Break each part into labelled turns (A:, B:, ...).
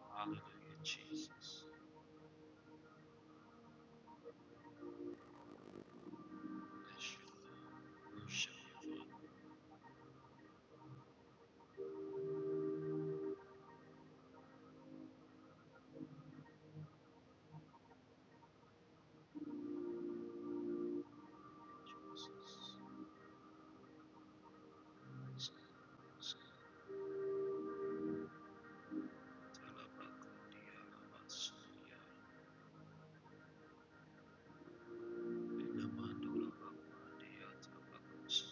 A: Hallelujah, Jesus. Bless your Lord. Worship your Lord, Jesus. Skitalabakundia labasuya. Inamandula bakundia tabakus.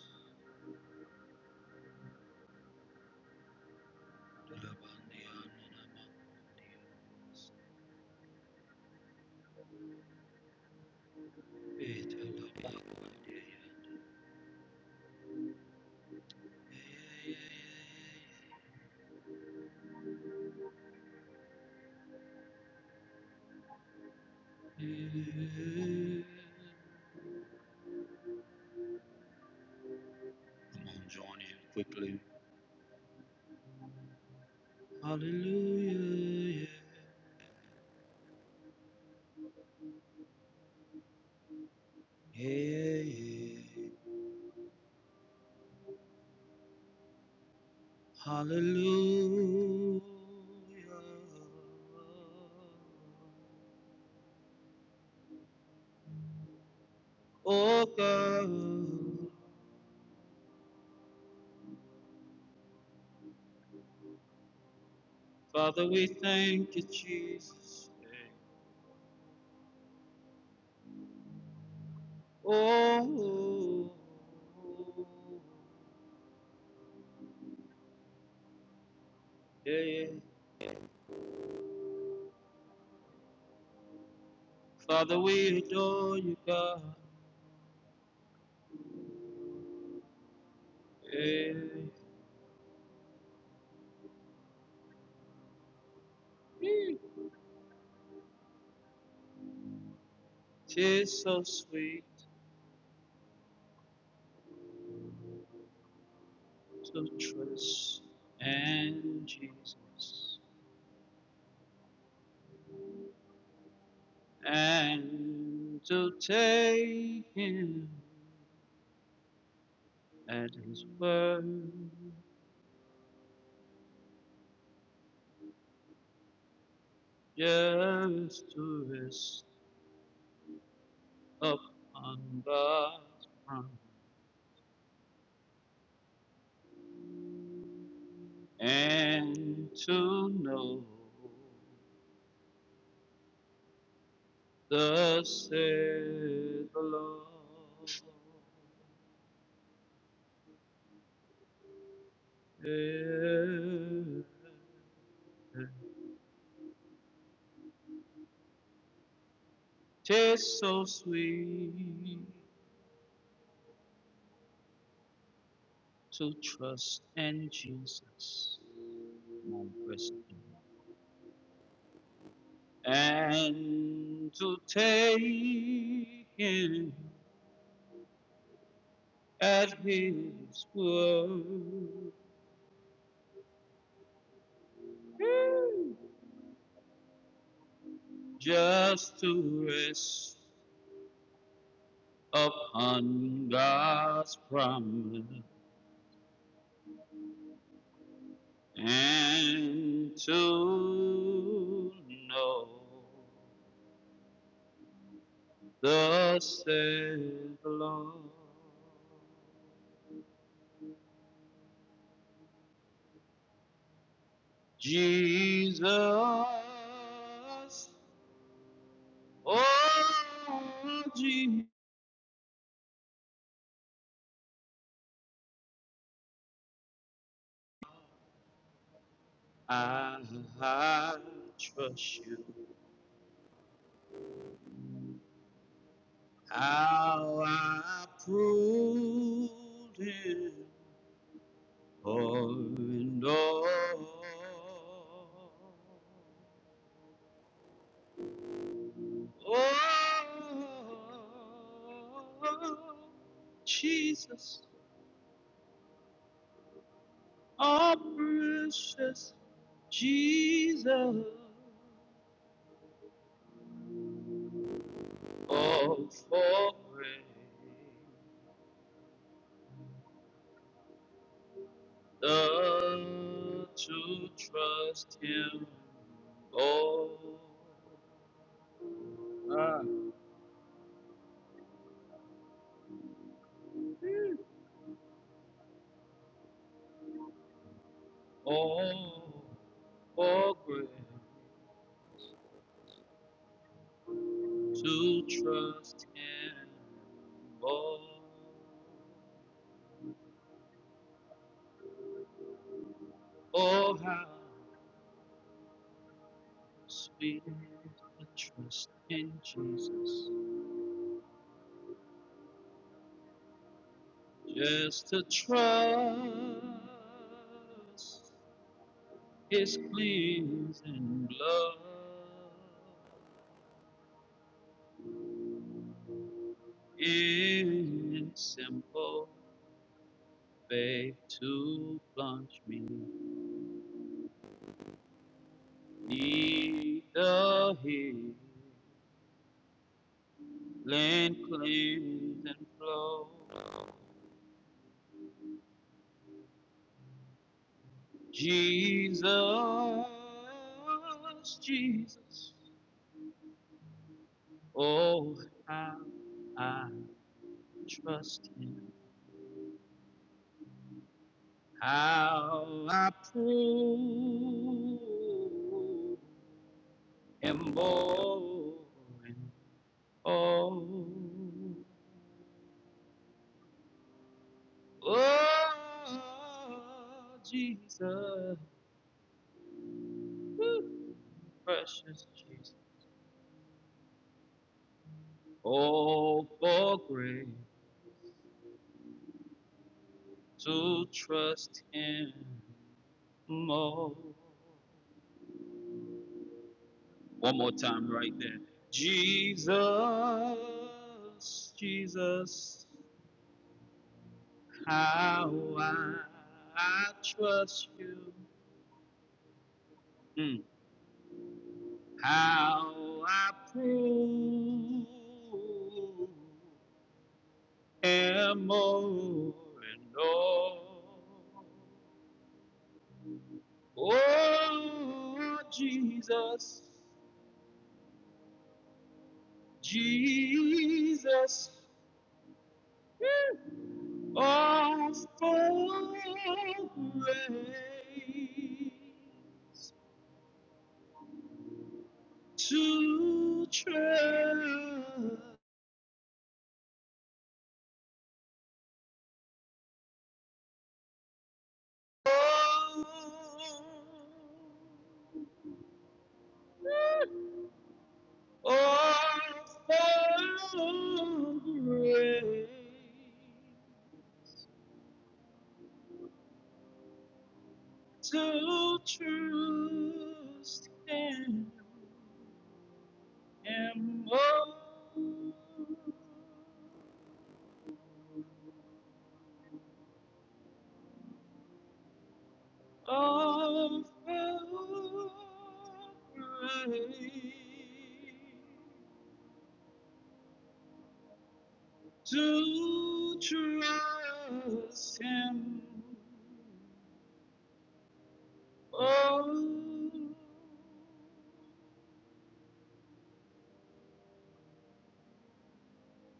A: Dulabandia nanamakundia. Italabakundia. Come on, join in quickly. Hallelujah. Yeah, yeah, yeah. yeah. Hallelujah. Oh God, Father, we thank you, Jesus. Oh, yeah. yeah. Father, we adore you, God. Yeah. Tis so sweet to trust and Jesus and to take Him. and his word just to rest upon God's promise and to know thus said the Lord. Yeah. Tis so sweet to trust in Jesus, my blessed Lord. and to take him at his word, just to rest upon God's promise and to know thus saith the said Lord Jesus, oh Jesus. I I trust you. How I proved it all and all. Oh, Jesus, oh precious Jesus, oh for grace. learn to trust Him more, Ah. more, more great to trust Him more. Oh, how sweet the trust in Jesus, just to trust His cleansing blood. It's simple faith to plunge me neath the healing cleanse and flow. Jesus, Jesus, oh how I trust Him, how I prove Him more and more. Oh, Jesus, Woo. precious Jesus. Oh, for grace to trust Him more. One more time, right there. Jesus, Jesus, how I, I trust you. Mm. How I prove am more and more. Oh, Jesus, Jesus, of all for to trust. Of All for grace to trust Him and more of praise to trust Him. Oh,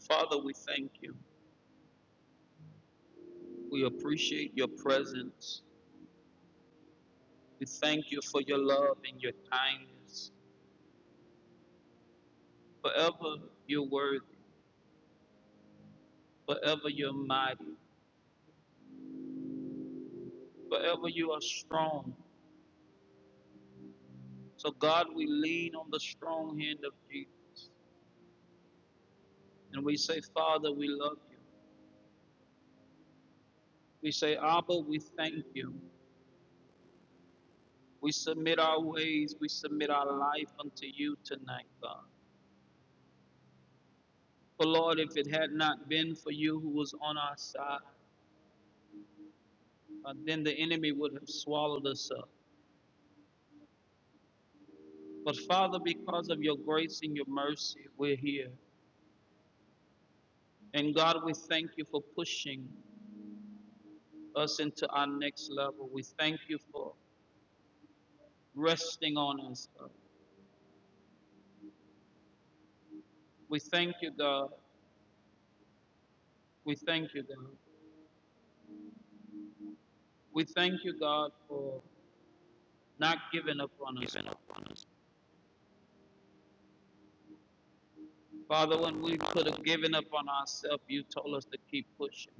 A: Father, we thank you. We appreciate your presence. We thank you for your love and your kindness. Forever you're worthy. Forever you're mighty. Forever you are strong. So, God, we lean on the strong hand of Jesus. And we say, Father, we love you. We say, Abba, we thank you. We submit our ways. We submit our life unto you tonight, God. For, Lord, if it had not been for you who was on our side, uh, then the enemy would have swallowed us up. But, Father, because of your grace and your mercy, we're here. And God, we thank you for pushing. us into our next level. We thank you for resting on us, God. We thank you, God. We thank you, God. We thank you, God, for not giving up on us, God. Father, when we could have given up on ourselves, you told us to keep pushing.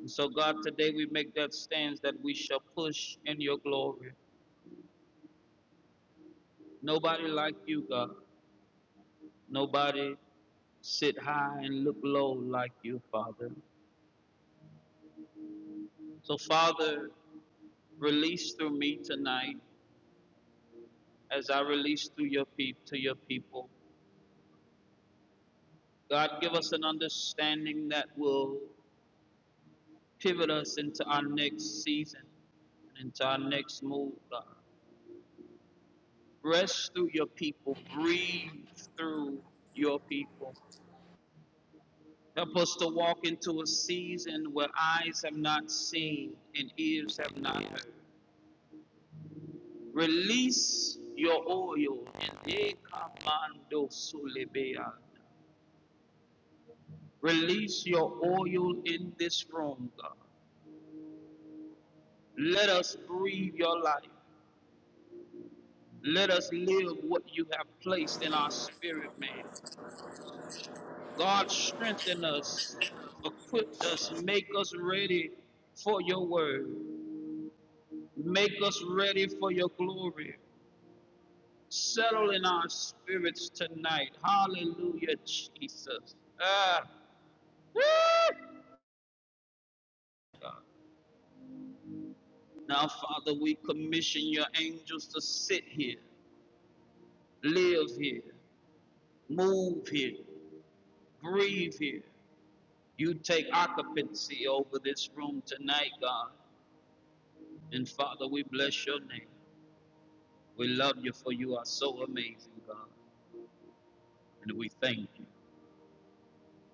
A: And so, God, today we make that stance that we shall push in your glory. Nobody like you, God. Nobody sit high and look low like you, Father. So, Father, release through me tonight as I release through your pe- to your people. God, give us an understanding that will pivot us into our next season and into our next move. God, rest through your people, breathe through your people. Help us to walk into a season where eyes have not seen and ears have not heard. Release your oil and Release your oil in this room, God. Let us breathe your life. Let us live what you have placed in our spirit, man. God, strengthen us, equip us, make us ready for your word, make us ready for your glory. Settle in our spirits tonight. Hallelujah, Jesus. Ah, woo! Now, Father, we commission your angels to sit here, live here, move here, breathe here. You take occupancy over this room tonight, God. And Father, we bless your name. We love you for you are so amazing, God. And we thank you.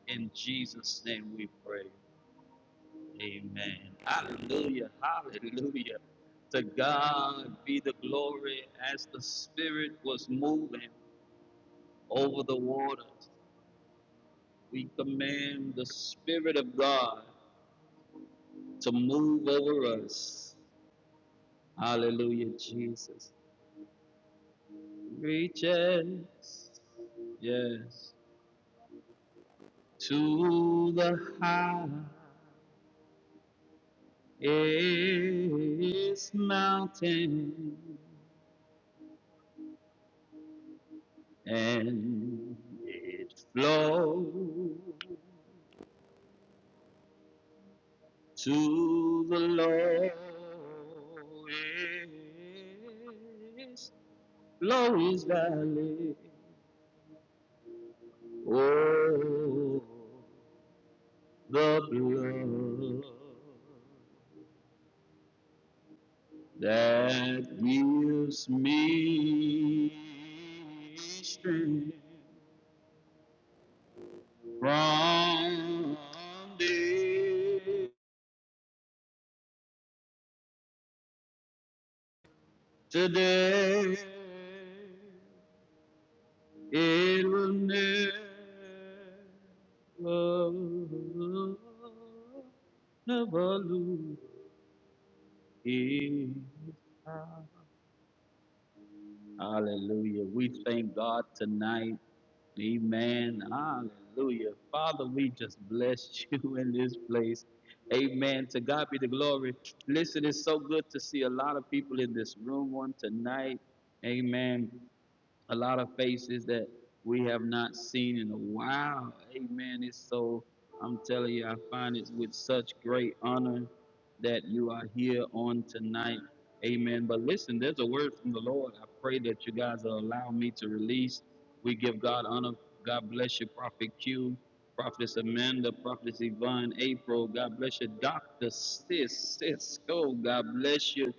A: In Jesus' name we pray. Amen. Hallelujah. Hallelujah. To God be the glory as the Spirit was moving over the waters. We command the Spirit of God to move over us. Hallelujah, Jesus. reaches, yes, to the highest mountain, and it flows to the lowest, lowest valley. Oh, the blood. that gives me strength from day to day. It will never, never lose its power. Hallelujah. We thank God tonight. Amen. Hallelujah. Father, we just bless you in this place. Amen. To God be the glory. Listen, it's so good to see a lot of people in this room on tonight. Amen a lot of faces that we have not seen in a while. Amen. It's so, I'm telling you, I find it with such great honor that you are here on tonight. Amen. But listen, there's a word from the Lord. I pray that you guys will allow me to release. We give God honor. God bless you, Prophet Q, Prophetess Amanda, Prophetess Yvonne, April. God bless you, Dr. Sis, Cisco. God bless you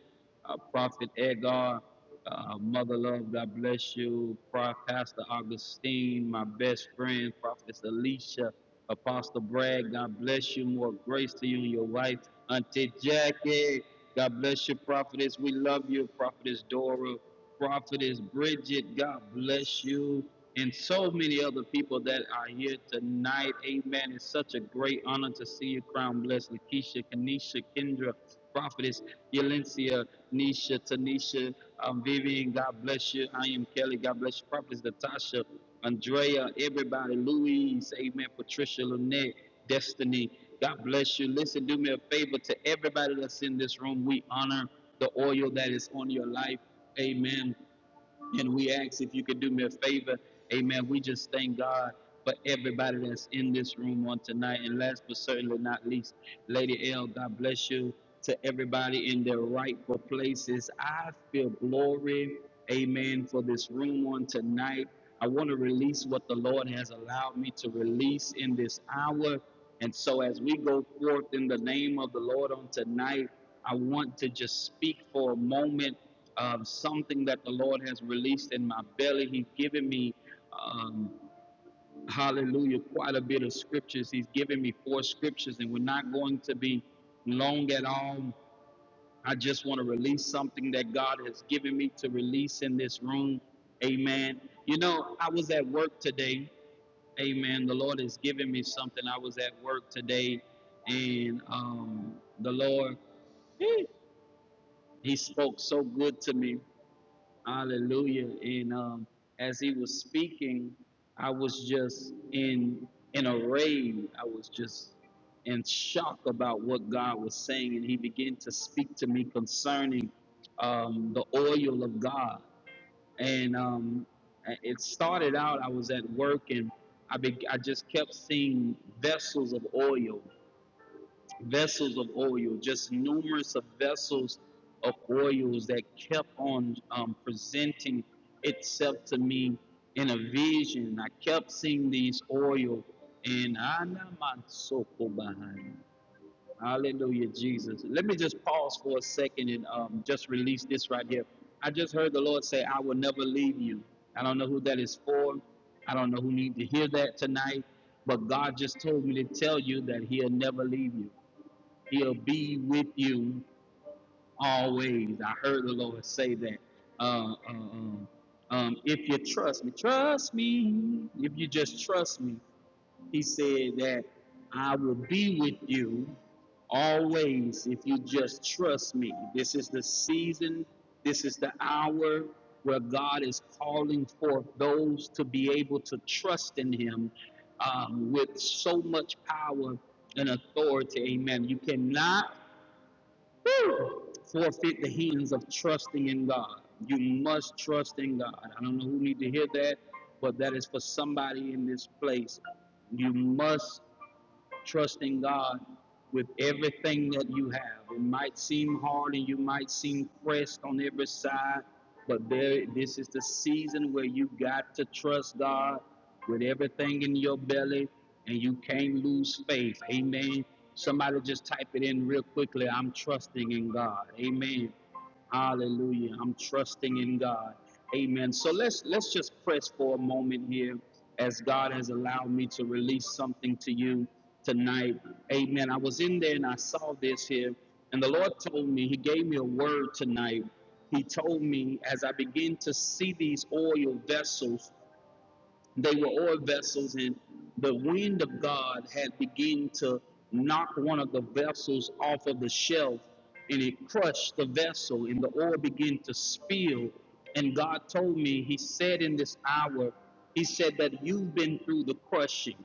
A: uh, Prophet Edgar, uh, Mother Love, God bless you, Prof. Pastor Augustine, my best friend, Prophet Alicia, Apostle Bragg, God bless you, more grace to you and your wife, Auntie Jackie, God bless you, Prophetess, we love you, Prophetess Dora, Prophetess Bridget, God bless you, and so many other people that are here tonight. Amen. It's such a great honor to see you, Crown Bless, Lakeisha, Kenesha, Kendra, Prophetess, Yalencia, Nisha, Tanisha, um, Vivian, God bless you. I am Kelly, God bless you. Prophetess Natasha, Andrea, everybody, Louise, Amen, Patricia, Lynette, Destiny, God bless you. Listen, do me a favor to everybody that's in this room. We honor the oil that is on your life. Amen and we ask if you could do me a favor. Amen. We just thank God for everybody that's in this room on tonight. And last but certainly not least, Lady L, God bless you to everybody in their rightful places. I feel glory. Amen. For this room on tonight. I want to release what the Lord has allowed me to release in this hour. And so, as we go forth in the name of the Lord on tonight, I want to just speak for a moment of something that the Lord has released in my belly. He's given me, um, hallelujah, quite a bit of scriptures. He's given me four scriptures, and we're not going to be long at all. I just want to release something that God has given me to release in this room. Amen. You know, I was at work today Amen. The Lord has given me something. I was at work today and um, the Lord, He spoke so good to me. Hallelujah. And um, as He was speaking, I was just in in a rage. I was just in shock about what God was saying. And He began to speak to me concerning um, the oil of God and um, it started out. I was at work, and I be- I just kept seeing vessels of oil, vessels of oil, just numerous of vessels of oils that kept on um, presenting itself to me in a vision. I kept seeing these oil, and I behind. Hallelujah, Jesus. Let me just pause for a second and um, just release this right here. I just heard the Lord say, I will never leave you. I don't know who that is for. I don't know who needs to hear that tonight, but God just told me to tell you that He'll never leave you. He'll be with you always. I heard the Lord say that. Uh, uh, um, um, if you trust me, trust me. If you just trust me, he said that I will be with you always if you just trust me. This is the season, this is the hour where God is calling forth those to be able to trust in Him um, with so much power and authority. Amen. You cannot forfeit the hands of trusting in God. You must trust in God. I don't know who need to hear that, but that is for somebody in this place. You must trusting God with everything that you have. It might seem hard and you might seem pressed on every side, but there this is the season where you got to trust God with everything in your belly and you can't lose faith. Amen. Somebody just type it in real quickly. I'm trusting in God. Amen. Hallelujah. I'm trusting in God. Amen. So let's let's just press for a moment here as God has allowed me to release something to you tonight. Amen. I was in there and I saw this here and the Lord told me he gave me a word tonight. He told me as I begin to see these oil vessels they were oil vessels, and the wind of God had begun to knock one of the vessels off of the shelf, and it crushed the vessel, and the oil began to spill. And God told me, He said in this hour, He said that you've been through the crushing.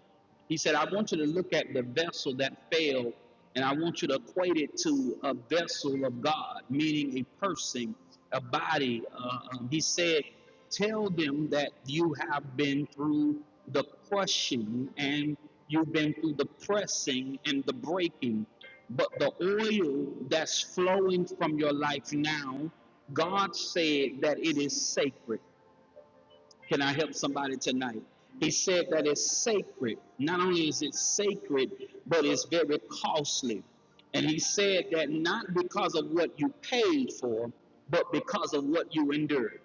A: He said, I want you to look at the vessel that failed, and I want you to equate it to a vessel of God, meaning a person, a body. Uh, um, he said, Tell them that you have been through the crushing and you've been through the pressing and the breaking. But the oil that's flowing from your life now, God said that it is sacred. Can I help somebody tonight? He said that it's sacred. Not only is it sacred, but it's very costly. And he said that not because of what you paid for, but because of what you endured.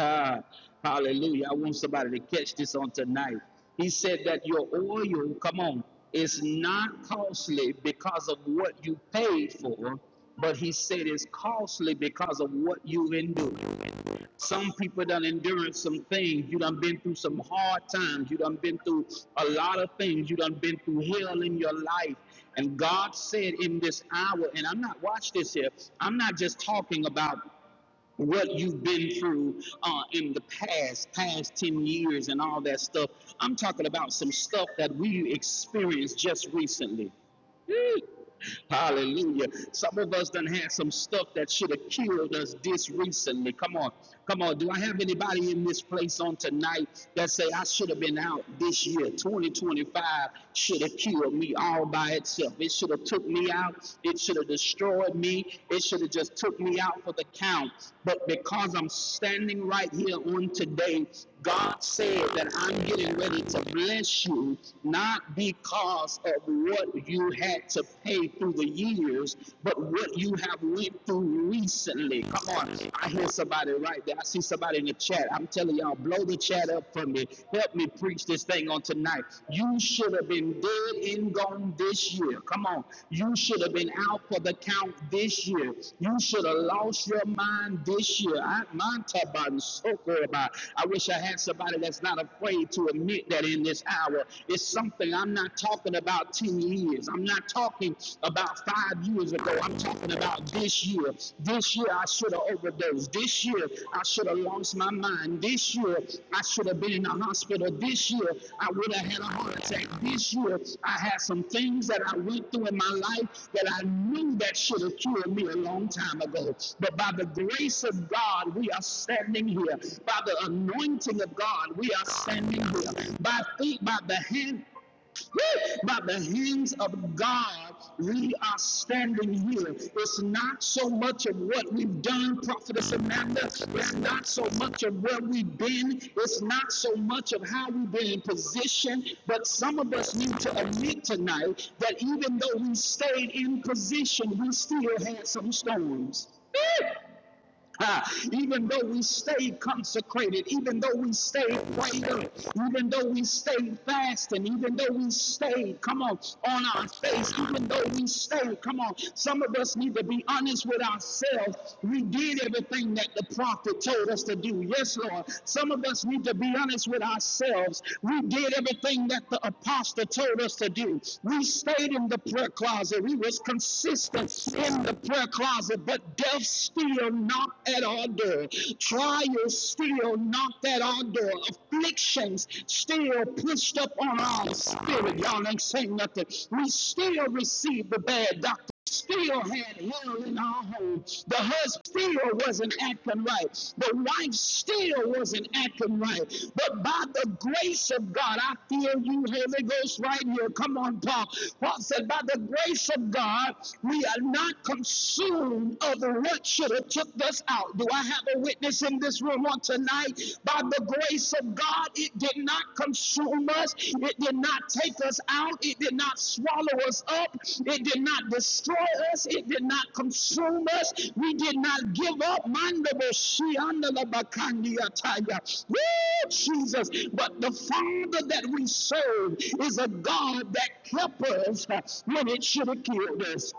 A: Ah, hallelujah. I want somebody to catch this on tonight. He said that your oil, come on, is not costly because of what you paid for, but he said it's costly because of what you endured. Some people done enduring some things. You done been through some hard times. You done been through a lot of things. You done been through hell in your life. And God said in this hour, and I'm not, watch this here, I'm not just talking about what you've been through uh, in the past, past 10 years and all that stuff. I'm talking about some stuff that we experienced just recently. Eee. Hallelujah. Some of us done had some stuff that should have killed us this recently. Come on. Come on. Do I have anybody in this place on tonight that say I should have been out this year? 2025 should have killed me all by itself. It should have took me out. It should have destroyed me. It should have just took me out for the count. But because I'm standing right here on today, God said that I'm getting ready to bless you, not because of what you had to pay through the years, but what you have went through recently. Come on, I hear somebody right there. I see somebody in the chat. I'm telling y'all, blow the chat up for me. Help me preach this thing on tonight. You should have been dead and gone this year. Come on, you should have been out for the count this year. You should have lost your mind this year. I, mine taba and so soko about. I wish I had somebody that's not afraid to admit that in this hour. It's something I'm not talking about about 10 years. I'm not talking about five years ago. I'm talking about this year. This year I should have overdosed. This year I should have lost my mind. This year I should have been in the hospital. This year I would have had a heart attack. This year I had some things that I went through in my life that I knew that should have cured me a long time ago. But by the grace of God, we are standing here. By the anointing of God, we are standing here. By, faith, by the hand by the hands of God, we are standing here. It's not so much of what we've done, Prophetess Amanda. It's not so much of where we've been. It's not so much of how we've been in position. But some of us need to admit tonight that even though we stayed in position, we still had some storms. Woo! even though we stayed consecrated, even though we stayed prayed up, even though we stayed fasting, even though we stayed, come on, on our face, even though we stayed, come on, some of us need to be honest with ourselves. We did everything that the prophet told us to do. Yes, Lord. Some of us need to be honest with ourselves. We did everything that the apostle told us to do. We stayed in the prayer closet. We was consistent in the prayer closet, but devil. Death still knocked at our door. Trials still knocked at our door. Afflictions still pushed up on our spirit. Y'all ain't saying nothing. We still receive the bad doctor. Still had hell in our home. The husband still wasn't acting right. The wife still wasn't acting right. But by the grace of God, I feel you, Holy Ghost, right here. Come on, Paul. Paul said, By the grace of God, we are not consumed soon other work should have took us out. Do I have a witness in this room on tonight? By the grace of God, it did not consume us. It did not take us out. It did not swallow us up. It did not destroy us. It did not consume us. We did not give up. Mandabo Woo, Jesus. But the Father that we serve is a God that kept us when it should have killed us.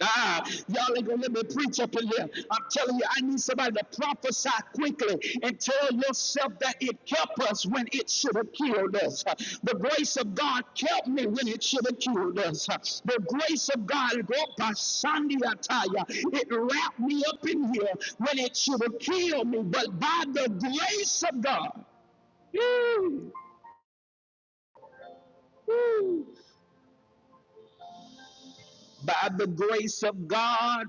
A: Ah, y'all ain't gonna let me preach up in here. I'm telling you, I need somebody to prophesy quickly and tell yourself that it kept us when it should have killed us. The grace of God kept me when it should have killed us. The grace of God, go by Sunday attire, it wrapped me up in here when it should have killed me. But by the grace of God, by the grace of God.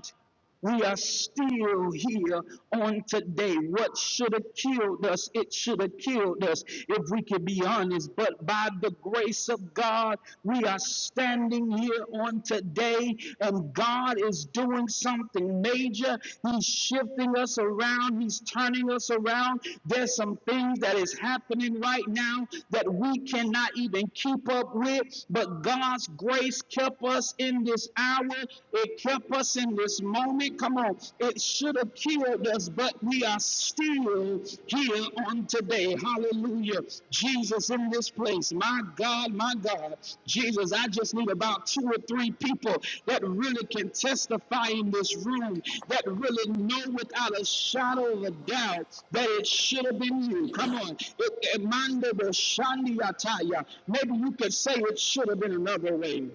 A: We are still here on today. What should have killed us? It should have killed us if we could be honest. But by the grace of God, we are standing here on today, and God is doing something major. He's shifting us around, He's turning us around. There's some things that is happening right now that we cannot even keep up with, but God's grace kept us in this hour it kept us in this moment. Come on. It should have killed us, but we are still here on today. Hallelujah. Jesus in this place. My God, my God. Jesus, I just need about two or three people that really can testify in this room, that really know without a shadow of a doubt that it should have been you. Come on. It, Emmanuel Shandiataya. Maybe you could say it should have been another way.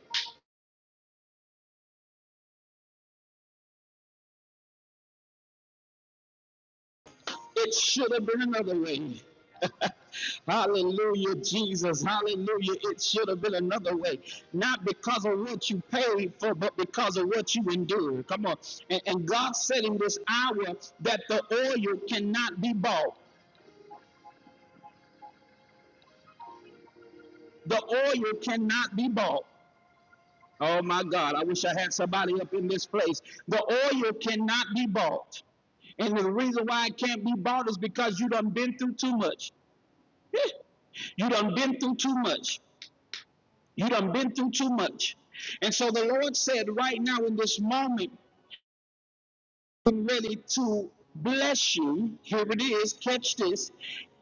A: It should have been another way. Hallelujah, Jesus. Hallelujah. It should have been another way. Not because of what you paid for, but because of what you endured. Come on. And, and God said in this hour that the oil cannot be bought. The oil cannot be bought. Oh my God. I wish I had somebody up in this place. The oil cannot be bought. And the reason why it can't be bought is because you done been through too much. You done been through too much. You done been through too much. And so the Lord said, right now in this moment, I'm ready to bless you. Here it is. Catch this.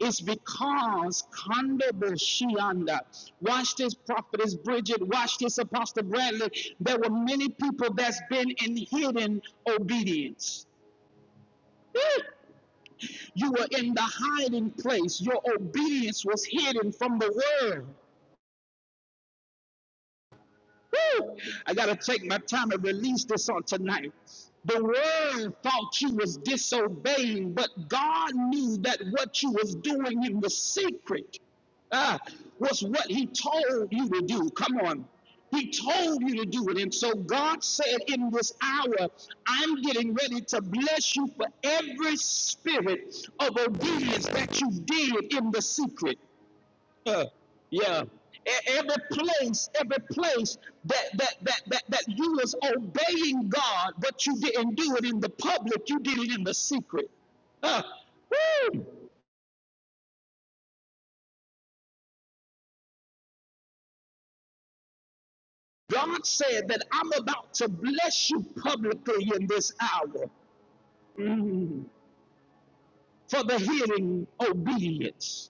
A: It's because Kandebo Shianda. Watch this, Prophetess Bridget. Watch this, Apostle Bradley. There were many people that's been in hidden obedience. You were in the hiding place. Your obedience was hidden from the world. Woo! I gotta take my time and release this on tonight. The world thought you was disobeying, but God knew that what you was doing in the secret ah, was what He told you to do. Come on. He told you to do it. And so God said, In this hour, I'm getting ready to bless you for every spirit of obedience that you did in the secret. Uh, yeah. E- Every place, every place that, that that that that you was obeying God, but you didn't do it in the public, you did it in the secret. Uh, woo! God said that I'm about to bless you publicly in this hour Mm. for the hearing obedience,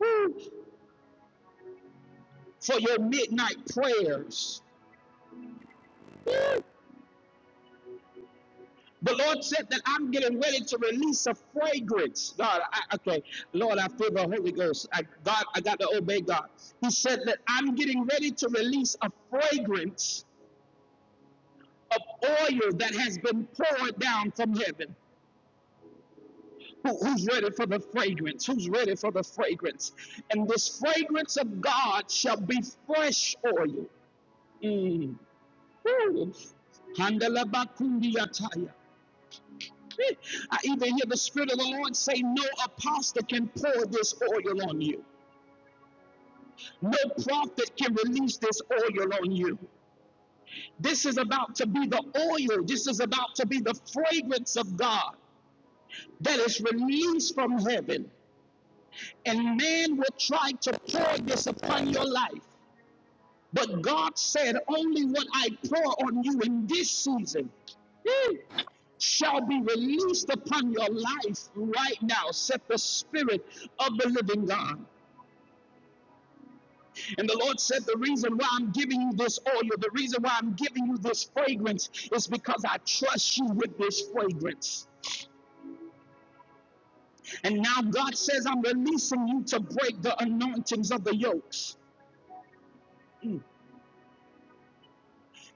A: Woo! for your midnight prayers, The Lord said that I'm getting ready to release a fragrance. God, I, okay, Lord, I feel the Holy Ghost. I, God, I got to obey God. He said that I'm getting ready to release a fragrance of oil that has been poured down from heaven. Who- who's ready for the fragrance? Who's ready for the fragrance? And this fragrance of God shall be fresh oil. Mm. Woo. Handalabakundiataya. Spirit. I even hear the Spirit of the Lord say, No apostle can pour this oil on you. No prophet can release this oil on you. This is about to be the oil. This is about to be the fragrance of God that is released from heaven. And man will try to pour this upon your life. But God said, Only what I pour on you in this season eh, shall be released upon your life right now, said the Spirit of the living God. And the Lord said, The reason why I'm giving you this oil, the reason why I'm giving you this fragrance is because I trust you with this fragrance. And now God says, I'm releasing you to break the anointings of the yokes.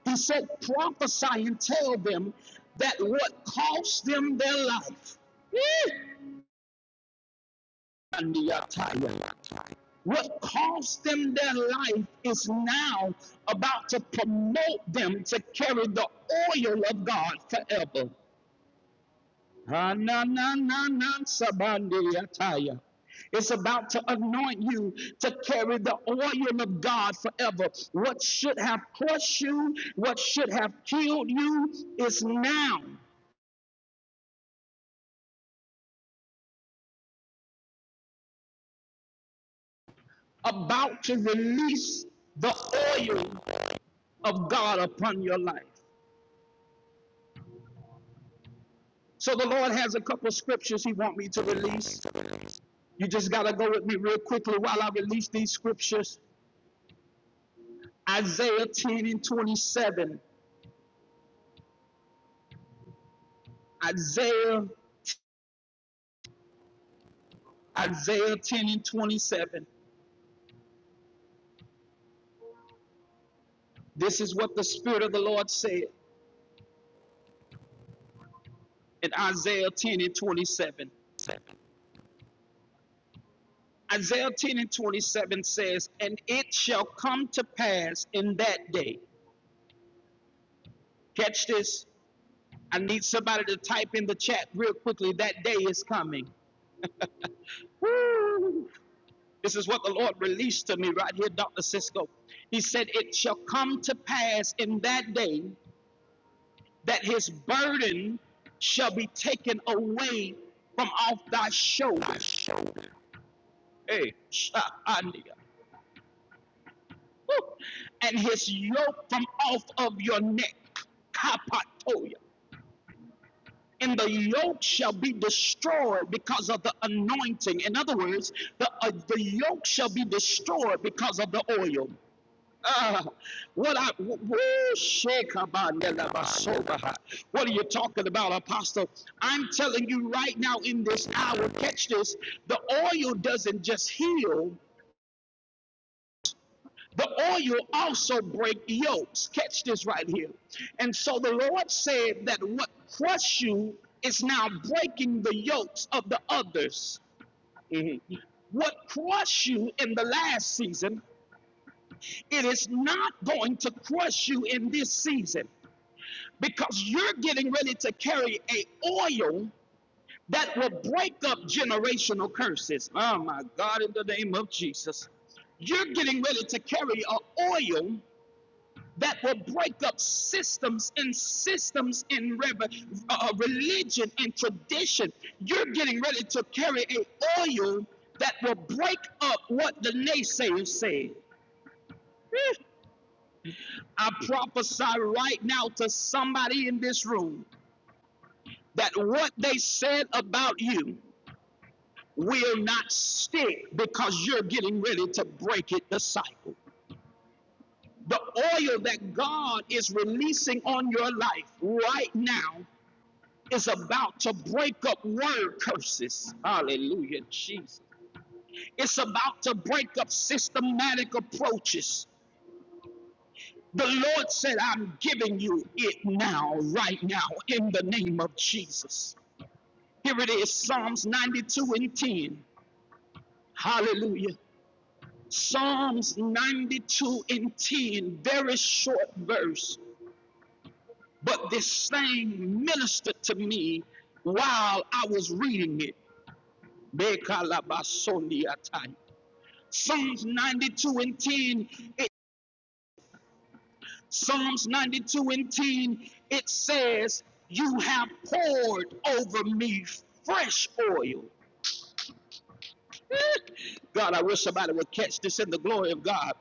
A: He said, prophesy and tell them that what cost them their life, Eh, what cost them their life is now about to promote them to carry the oil of God forever. Ah, It's about to anoint you to carry the oil of God forever. What should have crushed you, what should have killed you, is now. about to release the oil of God upon your life. So the Lord has a couple scriptures He want me to release. You just gotta go with me real quickly while I release these scriptures. Isaiah 10 and 27. Isaiah, Isaiah 10 and 27. This is what the Spirit of the Lord said in Isaiah 10 and 27. Isaiah 10 and 27 says, And it shall come to pass in that day. Catch this. I need somebody to type in the chat real quickly. That day is coming. Woo! This is what the Lord released to me right here, Dr. Cisco. He said, It shall come to pass in that day that his burden shall be taken away from off thy shoulders. Hey, Sha'ania. Woo! and his yoke from off of your neck. Kapatoya. and the yoke shall be destroyed because of the anointing. In other words, the, uh, the yoke shall be destroyed because of the oil. Ah, what I what are you talking about, Apostle? I'm telling you right now in this hour, catch this. The oil doesn't just heal, the oil also break yokes. Catch this right here. And so the Lord said that what crushed you is now breaking the yokes of the others. What crushed you in the last season, it is not going to crush you in this season because you're getting ready to carry a oil that will break up generational curses. Oh my God, in the name of Jesus. You're getting ready to carry a oil that will break up systems and systems in uh, uh, religion and tradition. You're getting ready to carry an oil that will break up what the naysayers say. Eh, I prophesy right now to somebody in this room that what they said about you will not stick because you're getting ready to break it the cycle. The oil that God is releasing on your life right now is about to break up word curses. Hallelujah, Jesus. It's about to break up systematic approaches. The Lord said, I'm giving you it now, right now, in the name of Jesus. Here it is Psalms 92 and 10. Hallelujah. Psalms 92 and 10, very short verse, but this same ministered to me while I was reading it. Psalms 92 and 10, it, Psalms 92 and 10, it says, You have poured over me fresh oil. God, I wish somebody would catch this in the glory of God.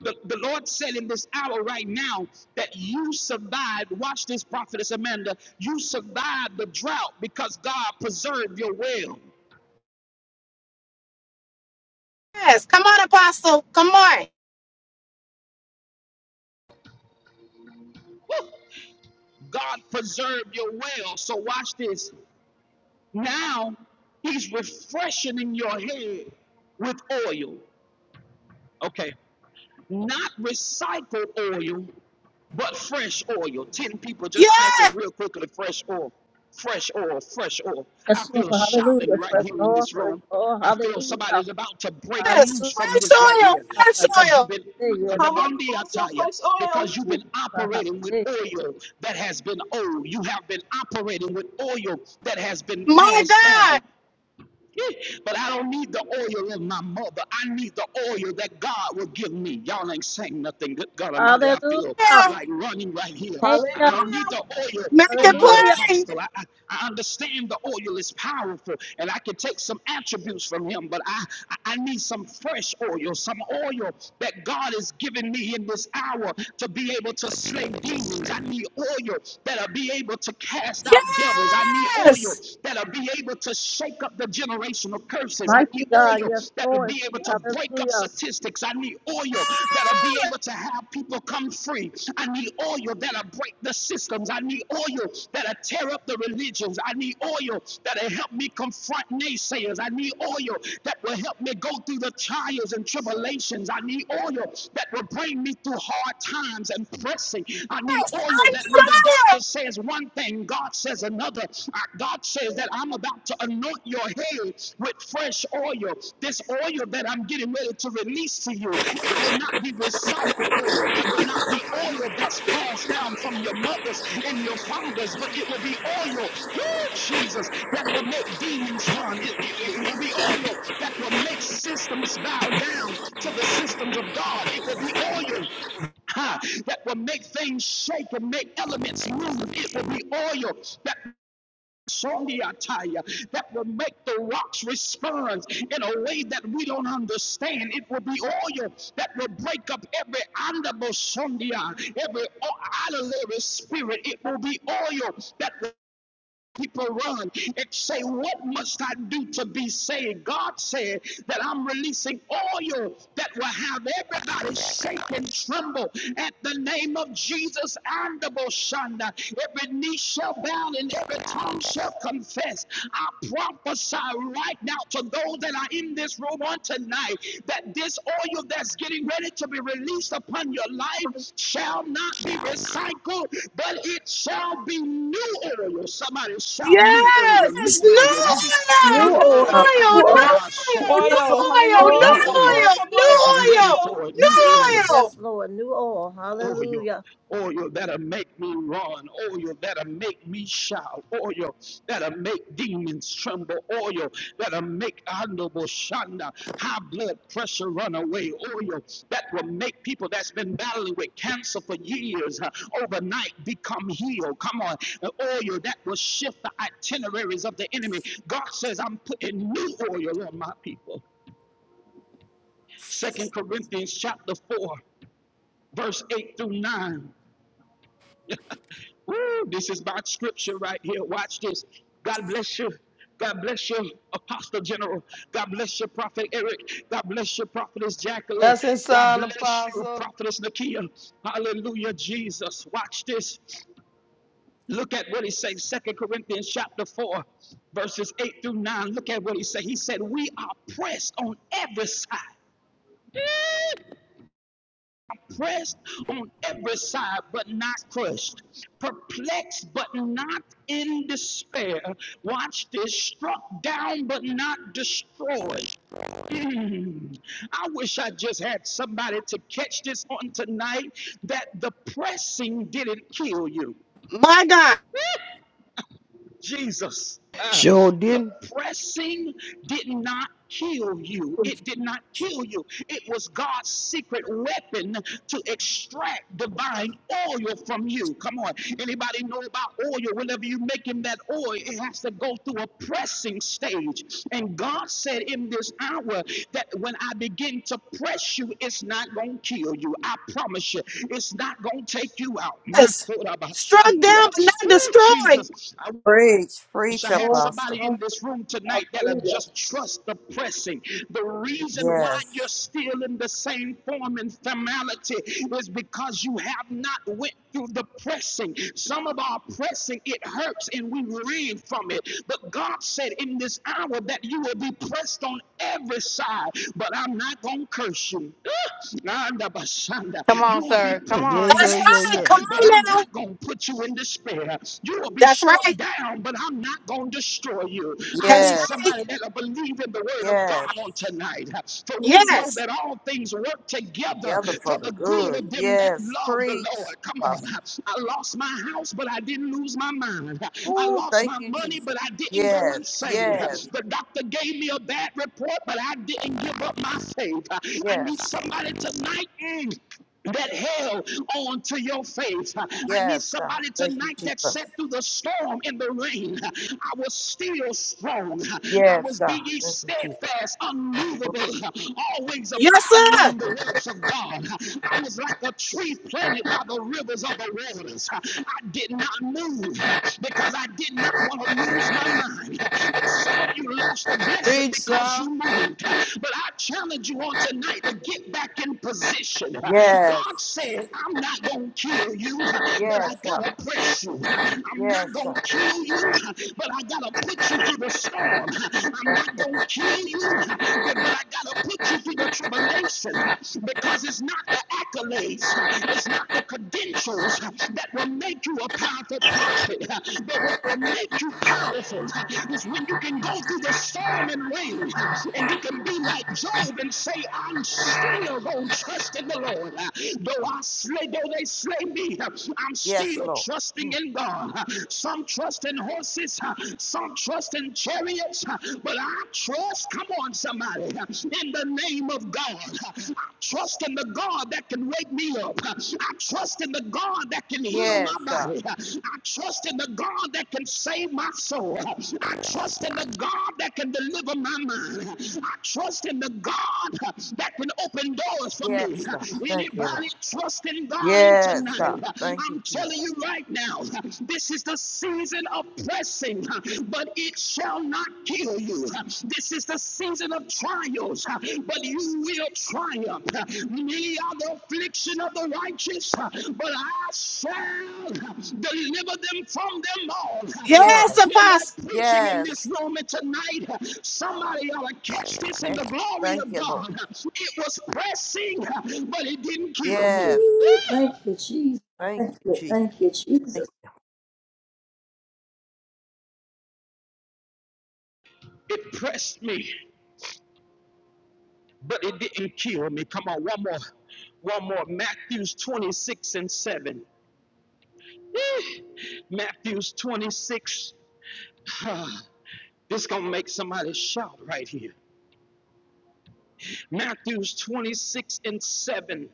A: The, the Lord said in this hour right now that you survived. Watch this, prophetess Amanda. You survived the drought because God preserved your well.
B: Yes, come on, Apostle. Come on.
A: Woo! God preserved your well. So watch this. Now he's refreshing your head with oil. Okay, not recycled oil, but fresh oil. 10 people just type it
B: Yes,
A: real quickly fresh oil, fresh oil, fresh oil. I
C: Yes, Lord.
A: feel shouting
C: Hallelujah.
A: right
C: First
A: here in
C: Lord,
A: this
C: first
A: room.
C: Lord.
A: I feel somebody
C: Hallelujah.
A: is about to break
C: Hallelujah.
A: loose from
B: fresh
A: this right
B: oil,
A: here
B: fresh
A: because you've
B: oil.
A: been
C: Yes,
D: Come
C: Lord.
D: on, Apostle,
A: Kandabandiataya,
D: fresh
A: because
D: oil.
A: you've been operating with oil that has been old. You have been operating with oil that has been
B: My
A: passed
B: God.
A: down. But I don't need the oil in my mother. I need the oil that God will give me. Y'all ain't saying nothing. Good God Almighty, I
C: Hallelujah.
A: feel
B: Yeah,
A: like running right here.
C: Thank
A: I
C: you.
A: don't
D: Hallelujah.
A: need the oil
B: make
A: of
B: it
A: my
C: Hallelujah.
B: plain.
A: apostle. I, I, I understand the oil is powerful and I can take some attributes from him, but I, I I need some fresh oil, some oil that God is giving me in this hour to be able to slay demons. I need oil that'll be able to cast out devils. I I need oil
B: Yes.
A: that'll be able to shake up the generational curses. I
C: Mighty
A: need
C: God.
A: oil
C: Yes,
A: that'll
C: Lord.
A: be able to break up
C: Hallelujah.
A: statistics. I need oil that'll be able
B: Yes,
A: to have people come free. I need oil that'll break the systems. I need oil that'll tear up the religions. I need oil that'll help me confront naysayers. I need oil that will help me go through the trials and tribulations. I need oil that will bring me through hard times and pressing. I need oil that
B: I need
A: that when the doctor
B: oil.
A: says one thing, God says another. Uh, God says that I'm about to anoint your head with fresh oil. This oil that I'm getting ready to release to you, it will not be recycled oil. It will not be oil that's passed down from your mothers and your fathers, but it will be oil, woo, Jesus, that will make demons run. It, it, it will be oil that will make systems bow down to the systems of God. It will be oil Ha! that will make things shake and make elements move. It will be oil that Sondiataya, that will make the rocks respond in a way that we don't understand. It will be oil that will break up every andable Sondia, every o- idolatrous spirit. It will be oil that will people run and say, What must I do to be saved? God said that I'm releasing oil that will have everybody shake and tremble at the name of Jesus and the Boshanda. Every knee shall bow and every tongue shall confess. I prophesy prophesy right now to those that are in this room on tonight that this oil that's getting ready to be released upon your life shall not be recycled, but it shall be new oil. Somebody shout new oil,
B: Yes,
A: new
B: no
A: oil, new,
B: oil,
C: New
B: no
A: new
C: oil.
A: oil.
C: New
A: I'm,
B: oil,
A: got
B: no
C: oil.
A: my soul,
D: Oil.
B: oil, no oil, no
C: All
A: new
C: the
D: Hallelujah.
A: oil.
C: oil.
B: oil,
D: Come
B: no
D: on,
C: oil.
A: I'm
D: fresh
A: ready
B: oil,
D: oil.
A: for a
B: no
A: new oil
B: oil.
C: Yes, Lord. New oil.
A: oil,
C: Hallelujah.
A: oil that'll make me run, oil that'll make me shout, oil that'll make demons tremble, oil that'll make honorable shanda, high blood pressure run away, oil that will make people that's been battling with cancer for years uh, overnight become healed. Come on, the oil that will shift the itineraries of the enemy. God says, I'm putting new oil on my people. Second Corinthians chapter 4, verse 8 through 9. Woo, this is about scripture right here. Watch this. God bless you. God bless you, Apostle General. God bless you, Prophet Eric. God bless you, Prophetess Jacqueline.
E: Blessing,
A: God
E: son,
A: bless you,
E: apostle.
A: Prophetess Nakia. Hallelujah, Jesus. Watch this. Look at what he says, Second Corinthians chapter 4, verses 8 through 9. Look at what he said. He said, We are pressed on every side pressed on every side but not crushed, perplexed but not in despair. Watch this, struck down but not destroyed. Mm. I wish I just had somebody to catch this on tonight that the pressing didn't kill you.
B: My God.
A: Jesus. Uh,
E: Sure
A: the
E: did.
A: pressing did not kill you. It did not kill you. It was God's secret weapon to extract divine oil from you. Come on. Anybody know about oil? Whenever you are making that oil, it has to go through a pressing stage. And God said in this hour that when I begin to press you, it's not going to kill you. I promise you, it's not going to take you out. My
B: Yes. Struck
A: Sunday.
B: down but not
A: Oh,
B: destroyed.
A: Jesus. I
F: Preach, preach,
A: I had
C: Lord.
F: Apostle.
A: somebody in
C: Lord.
A: this room tonight that'll
C: Hallelujah.
A: just trust the pressing. The reason why
F: Yes,
A: you're still in the same form and formality is because you have not went through the pressing. Some of our pressing it hurts and we ran from it. But God said in this hour that you will be pressed on every side. But I'm not gonna curse you. Ah, Nanda Basanda.
G: Come on,
A: You will be
G: sir. Come
E: Yeah,
G: on.
B: That's
E: yeah, yeah,
A: perplexed,
B: right.
E: yeah.
B: Come
A: but
B: on
A: I'm
B: now.
A: not going to put you in despair. You will be
B: That's
A: struck
B: right.
A: down, down, but I'm not going to destroy you. I
B: That's
A: need
F: yes,
B: right.
A: somebody that'll believe in the word of God
F: yes.
A: on tonight. For we know
B: Yes.
A: that all things work together
F: Together
A: for
F: for the
A: the good
F: good.
A: of them that
F: Yes,
A: love the
F: preach,
A: Lord. Come on.
F: Apostle.
A: I lost my house, but I didn't lose my mind. I
F: Oh,
A: lost
F: thank
A: my
F: you,
A: money,
F: Jesus.
A: but I didn't go
F: Yes,
A: insane.
F: yes,
A: The doctor gave me a bad report, but I didn't give up my faith. I
F: yes,
A: need somebody tonight. mm, that held on to your faith. I need
F: yes, God.
A: somebody
F: Thank you,
A: tonight that
F: Jesus.
A: sat through the storm and the rain. I was still strong. I
F: Yes,
A: was
F: God.
A: being
F: Thank you, Jesus.
A: steadfast, unmovable, always
B: Yes,
A: abounding
B: sir.
A: in the works of God. I was like a tree planted by the rivers of the waters. I did not move because I did not want to lose my mind. If some of you lost the blessing, blessing
E: Preach,
A: because
E: sir.
A: you moved. But I challenge you on tonight to get back in position.
F: Yes,
A: God said, I'm not going to kill you, but
F: yes,
A: I
F: God.
A: got to press you. I'm not
F: Yes,
A: going
F: God.
A: to kill you, but I got to put you through the storm. I'm
F: Thank
A: not
F: you.
A: going to kill you, but, but I got to put you through the tribulation because it's not the accolades, it's not the credentials that will make you you a powerful prophet, uh, but what will make you powerful uh, is when you can go through the storm and rain uh, and you can be like Job and say, I'm still going to trust in the Lord. Uh, Though I slay, though they slay me, uh, I'm
F: Yes,
A: still
F: Lord.
A: trusting
F: Mm.
A: in God. Uh, Some trust in horses, uh, some trust in chariots, uh, but I trust, come on, somebody, uh, in the name of God life. I Trust in the God that can wake me up. I trust in the God that can heal my
F: Yes, God.
A: body. I trust in the God that can save my soul. I trust in the God that can deliver my mind. I trust in the God that can open doors for
F: Yes,
A: me.
F: God. Thank you, Lord.
A: Anybody trusting God in
F: Yes, God.
A: tonight?
F: Thank
A: I'm
F: you, Jesus.
A: telling you right now, this is the season of pressing but it shall not kill you. This is the season of trials, but you will triumph. Many are the affliction of the righteous, but I shall deliver them from them all. I
B: Yes,
F: Yes,
A: feel
B: apostle.
A: like preaching in
F: yes,
A: this room and tonight. Somebody ought to catch this in
F: Yes.
A: the glory
F: Thank
A: of
F: you, Lord.
A: God. It was pressing, but it didn't kill me.
F: Yes.
C: Ooh, Thank you, Jesus.
F: Thank
C: Thank
F: you,
C: you.
F: Jesus.
C: Thank you,
F: Thank
C: Jesus.
A: It pressed me but it didn't kill me. Come on, one more, one more. Matthew's 26 and 7. Eh, Matthew's 26. this gonna make somebody shout right here. Matthew's 26 and 7.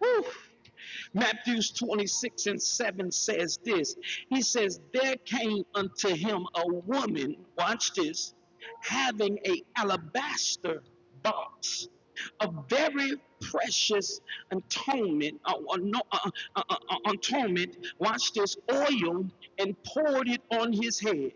A: Woo. Matthews 26 and 7 says this. He says, There came unto him a woman, watch this, having a alabaster box of very precious atonement, uh, uh, no- uh, uh, uh, uh, atonement, watch this, oil, and poured it on his head.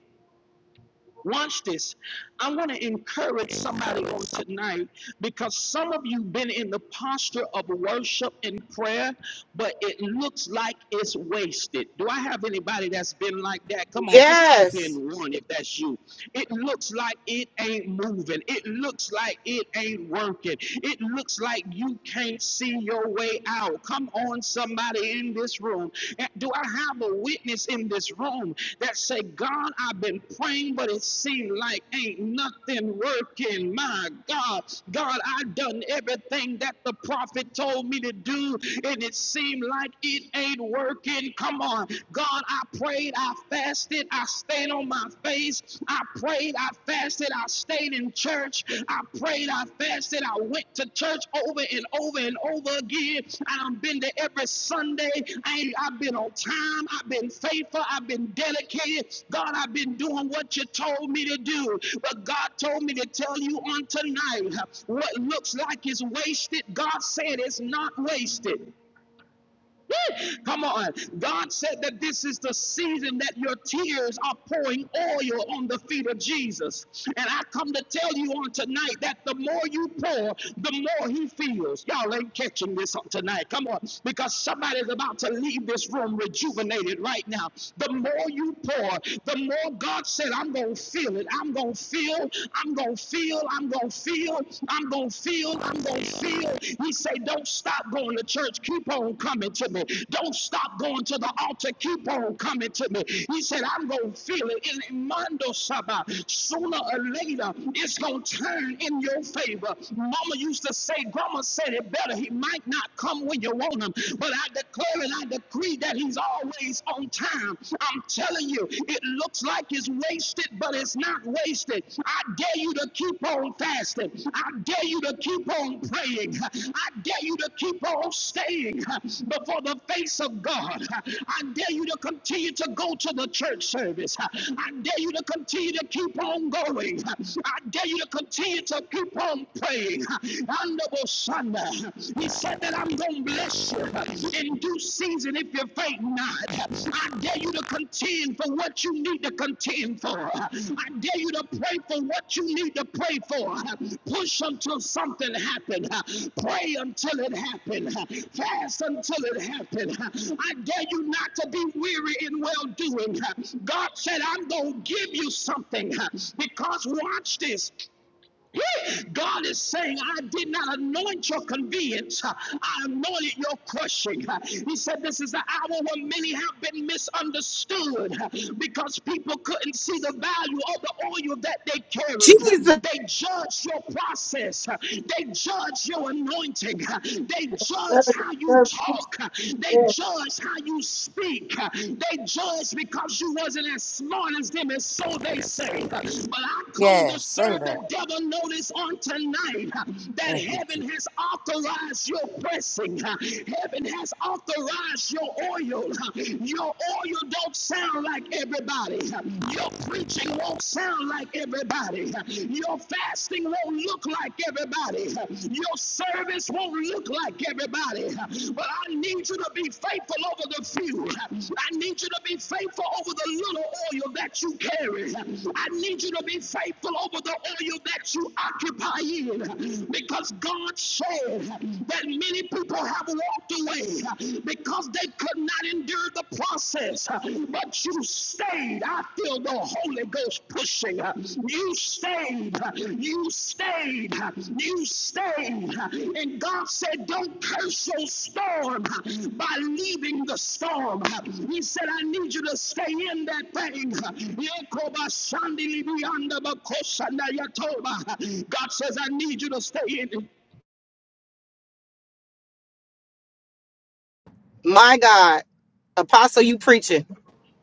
A: Watch this. I want to encourage somebody on tonight because some of you been in the posture of worship and prayer, but it looks like it's wasted. Do I have anybody that's been like that? Come on, just type
B: Yes.
A: in one if that's you. It looks like it ain't moving. It looks like it ain't working. It looks like you can't see your way out out. Come on, somebody in this room. Do I have a witness in this room that say, God, I've been praying, but it seemed like ain't nothing working. My God, God, I done everything that the prophet told me to do, and it seemed like it ain't working. Come on, God, I prayed, I fasted, I stayed on my face, I prayed prayed, I fasted, I stayed in church, I prayed, I fasted, I went to church over and over and over again. And I've been to every Sunday. I, I've been on time, I've been faithful, I've been dedicated. God, I've been doing what you told me to do. But God told me to tell you on tonight what looks like is wasted, God said it's not wasted. Come on. God said that this is the season that your tears are pouring oil on the feet of Jesus. And I come to tell you on tonight that the more you pour, the more he feels. Y'all ain't catching this on tonight. Come on. Because somebody's about to leave this room rejuvenated right now. The more you pour, the more God said, I'm going to feel it. I'm going to feel, I'm going to feel, I'm going to feel, feel, I'm going to feel. I'm going to feel. He said, don't stop going to church. Keep on coming to me. Don't stop going to the altar. Keep on coming to me. He said, I'm going to feel it. In Mondo Saba, sooner or later, it's going to turn in your favor. Mama used to say, Grandma said it better. He might not come when you want him, but I declare and I decree that he's always on time. I'm telling you, it looks like it's wasted, but it's not wasted. I dare you to keep on fasting. I dare you to keep on praying. I dare you to keep on staying before the face of God. I dare you to continue to go to the church service. I dare you to continue to keep on going. I dare you to continue to keep on praying. Honorable Sunday, he said that I'm going to bless bless you in due season if you faint not. I dare you to contend for what you need to contend for. I dare you to pray for what you need to pray for. Push until something happen. Pray until it happen. Fast until it happen. I dare you not to be weary in well doing. God said, I'm going to give you something because watch this. Yeah, God is saying, I did not anoint your convenience. I anointed your crushing. He said, This is the hour when many have been misunderstood because people couldn't see the value of the oil that they carry.
B: Jesus.
A: They judge your process, they judge your anointing, they judge
C: Serve,
A: how you
C: serve,
A: talk, they judge how you speak weak. They judged because you wasn't as smart as them, and so they say. But I
F: you.
A: come to
F: Yes. Say
A: serve
F: that.
A: the devil notice on tonight that
F: Thank you,
A: heaven has authorized your pressing. Heaven has authorized your oil. Your oil don't sound like everybody. Your preaching won't sound like everybody. Your fasting won't look like everybody. Your service won't look like everybody. But I need you to be faithful over the few. I need you to be faithful over the little oil that you carry. I need you to be faithful over the oil that you occupy in. Because God said that many people have walked away because they could not endure the process. But you stayed. I feel the Holy Ghost pushing. You stayed. You stayed. You stayed. And God said, Don't curse your storm by leaving the storm. He said, I need you to stay in that thing. God says, I need you to stay in it
B: My God. Apostle, you preaching.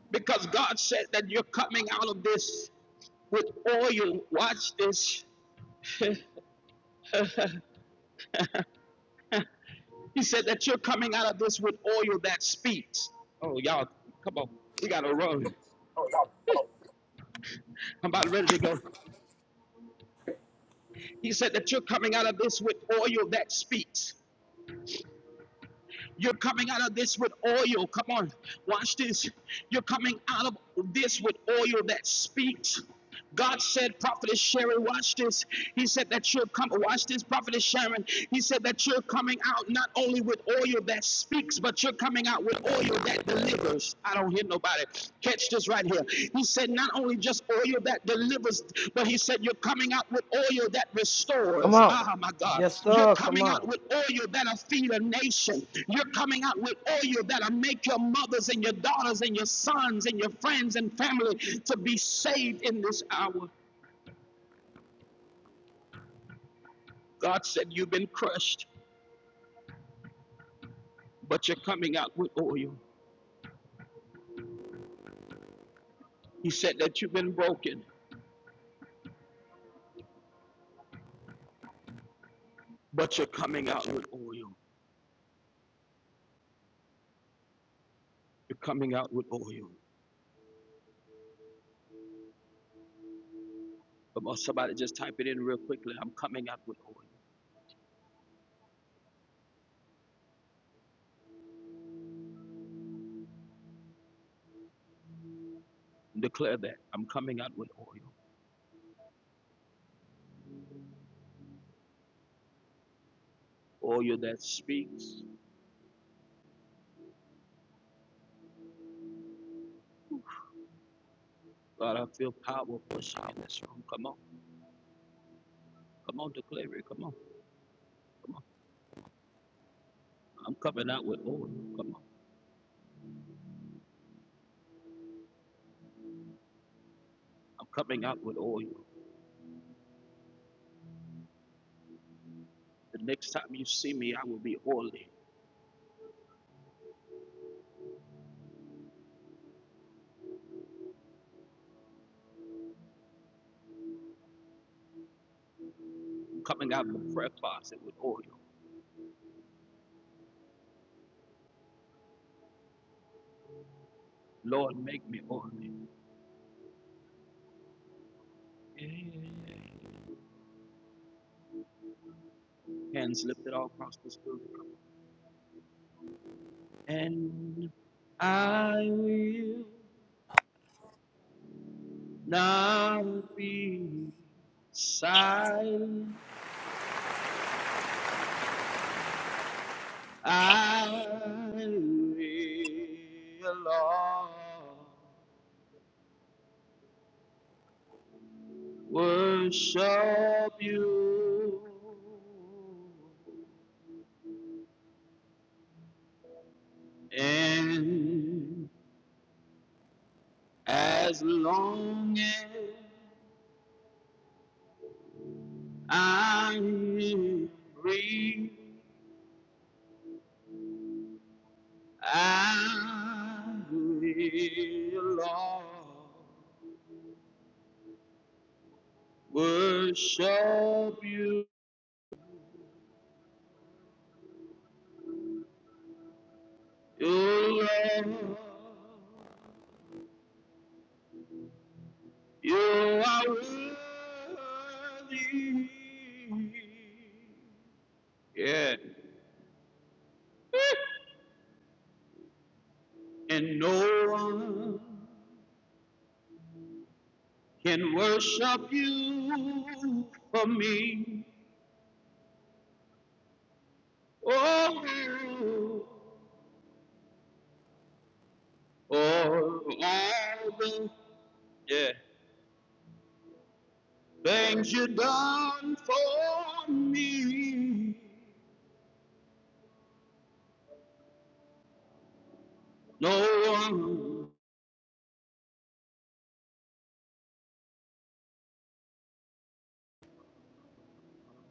A: because God said that you're coming out of this with oil. Watch this. He said that you're coming out of this with oil that speaks. Oh, y'all, come on. We got to run. I'm about ready to go. He said that you're coming out of this with oil that speaks. You're coming out of this with oil. Come on. Watch this. You're coming out of this with oil that speaks. God said, Prophetess Sharon, watch this. He said that you're coming, watch this, Prophetess Sharon. He said that you're coming out not only with oil that speaks, but you're coming out with oil that delivers. I don't hear nobody. Catch this right here. He said, not only just oil that delivers, but he said, you're coming out with oil that
E: Come
A: restores.
E: on.
A: Ah, my God.
E: Yes,
A: You're
E: sir. Come
A: coming out
E: on.
A: with oil that'll feed a nation. You're coming out with oil that'll make your mothers and your daughters and your sons and your friends and family to be saved in this hour. God said, You've been crushed, but you're coming out with oil. He said that you've been broken, but you're coming out with oil. You're coming out with oil. Come on, somebody just type it in real quickly. I'm coming out with oil. Declare that. I'm coming out with oil. Oil that speaks. God, I feel power pushing in this room. Come on. Come on, declare it. Come on. Come on. I'm coming out with oil. Come on. I'm coming out with oil. The next time you see me, I will be oily. Coming out of the prayer closet with oil. Lord, make me oily. Yeah. Hands lifted all across this room. And I will. not be silent. I will, Lord, worship you. And as long as I breathe, I will, Lord, worship you. You, Lord, you are worthy. Yeah. And no one can worship you for me. Oh, for all the yeah. things you have done for me. No one.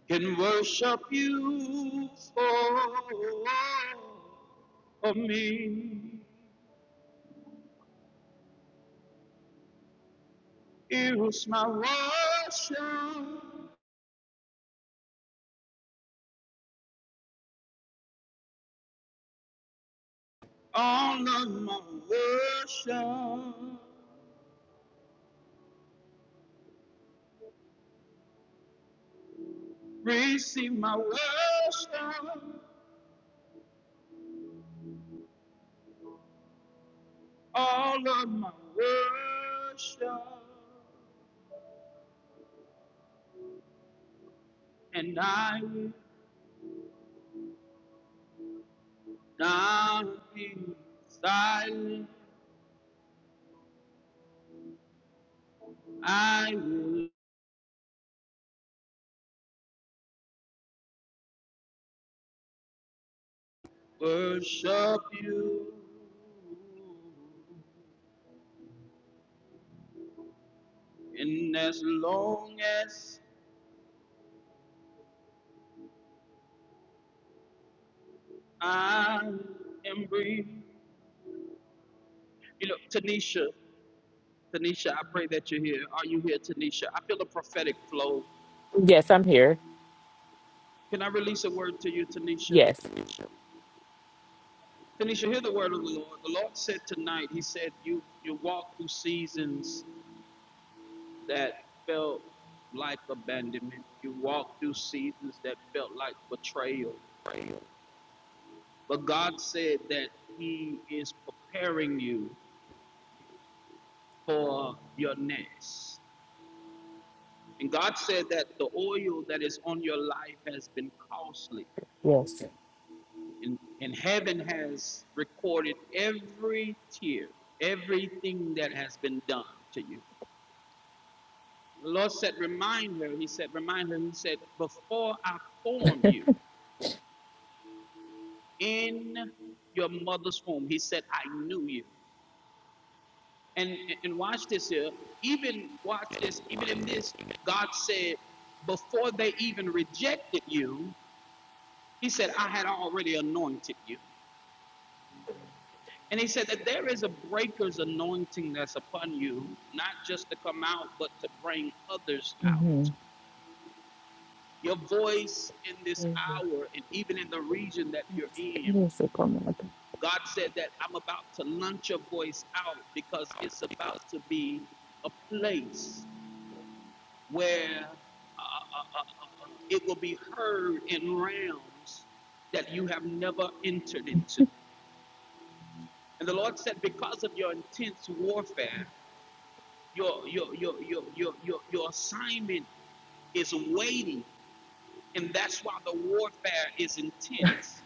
A: can worship you for me. Here's my worship, all of my worship. Receive my worship, all of my worship. And I will not be silent. I will worship you. And as long as I am breathing, you know, Tanisha, Tanisha, I pray that you're here. Are you here, Tanisha? I feel a prophetic flow.
H: Yes, I'm here.
A: Can I release a word to you, Tanisha?
H: Yes.
A: Tanisha, hear the word of the Lord. The Lord said tonight, He said, You you walk through seasons that felt like abandonment. You walk through seasons that felt like betrayal. But God said that He is preparing you. for your nest. And God said that the oil that is on your life has been costly,
H: Yes.
A: and, and heaven has recorded every tear, everything that has been done to you. The Lord said, Remind her, He said, Remind her, He said, Before I formed you in your mother's womb, He said, I knew you. And, and watch this here. Even watch this. Even in this, God said, before they even rejected you, He said, I had already anointed you. And he said that there is a breaker's anointing that's upon you, not just to come out, but to bring others
H: Mm-hmm.
A: out. Your voice in this hour and even in the region that you're in,
H: Yes, oh, come on.
A: God said that I'm about to launch your voice out because it's about to be a place where uh, uh, uh, uh, it will be heard in realms that you have never entered into. And the Lord said, because of your intense warfare, your, your, your, your, your, your, your assignment is waiting. And that's why the warfare is intense.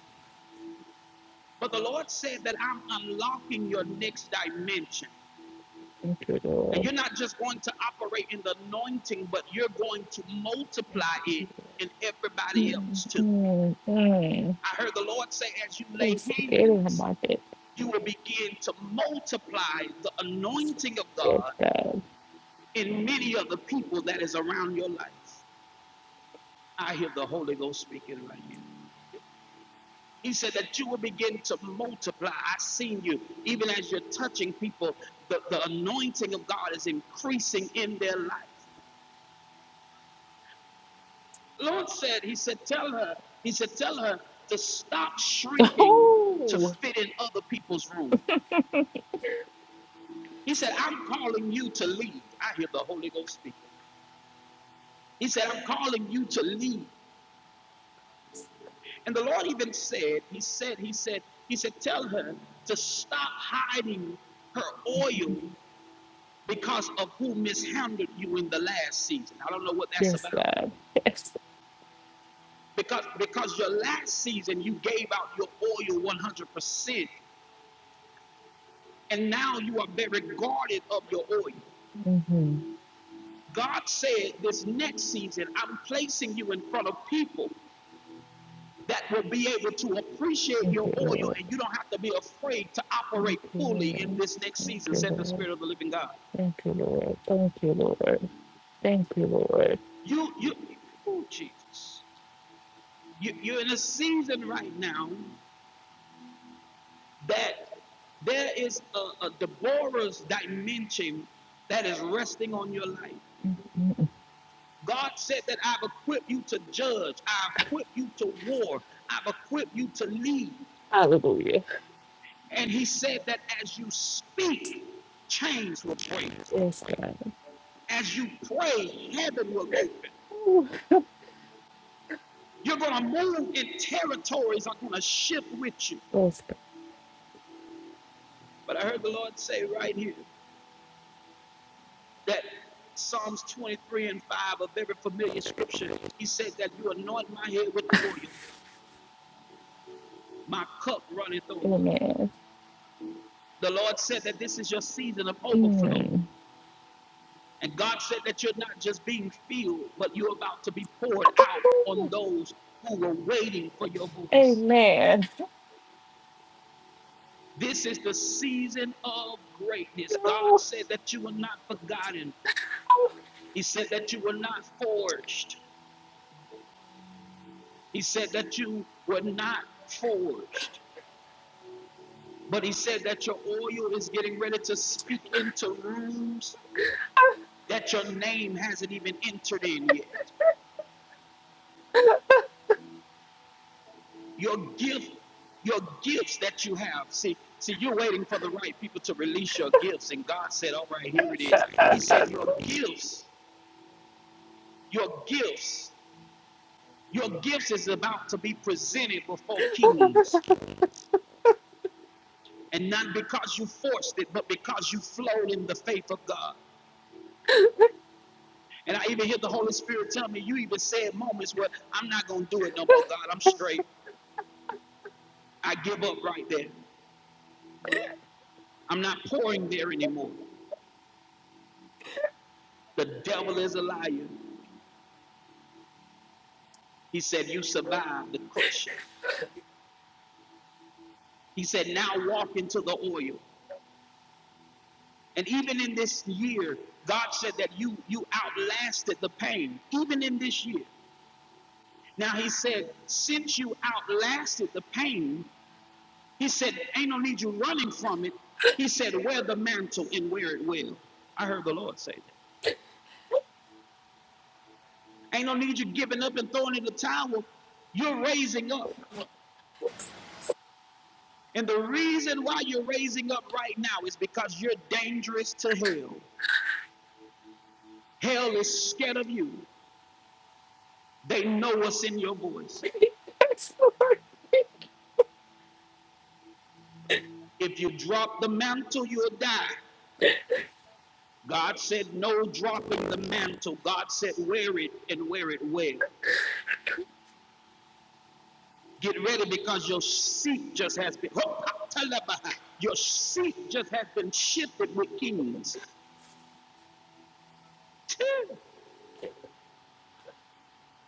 A: But the Lord said that I'm unlocking your next dimension.
H: Thank you,
A: And
H: Lord.
A: you're not just going to operate in the anointing, but you're going to multiply it in everybody else too.
H: Mm-hmm.
A: I heard the Lord say, as you
H: you
A: lay
H: so good in the
A: hands,
H: market.
A: you will begin to multiply the anointing of
H: Yes,
A: God
H: God.
A: In many of the people that is around your life. I hear the Holy Ghost speaking right here. He said that you will begin to multiply. I've seen you, even as you're touching people, the, the anointing of God is increasing in their life. Lord said, He said, tell her, He said, tell her to stop shrinking to
H: Oh,
A: fit in other people's room. He said, I'm calling you to lead. I hear the Holy Ghost speaking. He said, I'm calling you to lead. And the Lord even said, He said, He said, He said, tell her to stop hiding her oil because of who mishandled you in the last season. I don't know what that's
H: yes,
A: about.
H: God. Yes.
A: Because because your last season you gave out your oil 100%, and now you are very guarded of your oil.
H: Mm-hmm.
A: God said, This next season, I'm placing you in front of people that will be able to appreciate your
H: Thank you,
A: oil
H: Lord.
A: and you don't have to be afraid to operate
H: Thank you,
A: fully in
H: Lord.
A: this next
H: Thank
A: season,
H: you,
A: said the
H: Lord.
A: Spirit of the Living God.
H: Thank you, Lord. Thank you, Lord. Thank you, Lord.
A: You, you, oh, Jesus. You, you're in a season right now that there is a, a Deborah's dimension that is resting on your life.
H: Mhm.
A: God said that I've equipped you to judge, I've equipped you to war, I've equipped you to lead.
H: Hallelujah.
A: And He said that as you speak, chains will
H: Yes,
A: break.
H: God.
A: As you pray, heaven will open.
H: Ooh.
A: You're going to move in territories that are going to shift with you.
H: Yes,
A: But I heard the Lord say right here that Psalms 23 and 5, a very familiar scripture, He said that you anoint my head with the oil, my cup runneth
H: God.
A: over.
H: Amen.
A: The Lord said that this is your season of overflow.
H: Mm.
A: And God said that you're not just being filled, but you're about to be poured out on
H: Ooh,
A: those who were waiting for your voice.
H: Amen.
A: This is the season of greatness. God
H: No.
A: said that you were not forgotten. He said that you were not forged. He said that you were not forged. But he said that your oil is getting ready to speak into rooms that your name hasn't even entered in yet. Your gift, your gifts that you have. See, see, you're waiting for the right people to release your gifts. And God said, All right, here it is. He said, Your gifts, your gifts. Your gifts is about to be presented before kings, and not because you forced it, but because you flowed in the faith of God. And I even hear the Holy Spirit tell me, you even said moments where I'm not going to do it no more, God. I'm straight. I give up right there. I'm not pouring there anymore. The devil is a liar. He said, You survived the crushing. He said, Now walk into the oil. And even in this year, God said that you you outlasted the pain. Even in this year. Now he said, since you outlasted the pain, he said, ain't no need you running from it. He said, wear the mantle and wear it well. I heard the Lord say that. Ain't no need you giving up and throwing in the towel. You're raising up. And the reason why you're raising up right now is because you're dangerous to hell. Hell is scared of you. They know what's in your voice.
H: Yes, Lord.
A: If you drop the mantle, you'll die. God said, No dropping the mantle. God said, Wear it and wear it well. Get ready because your seat just has been. Hopatalabaha. Your seat just has been shifted with kings.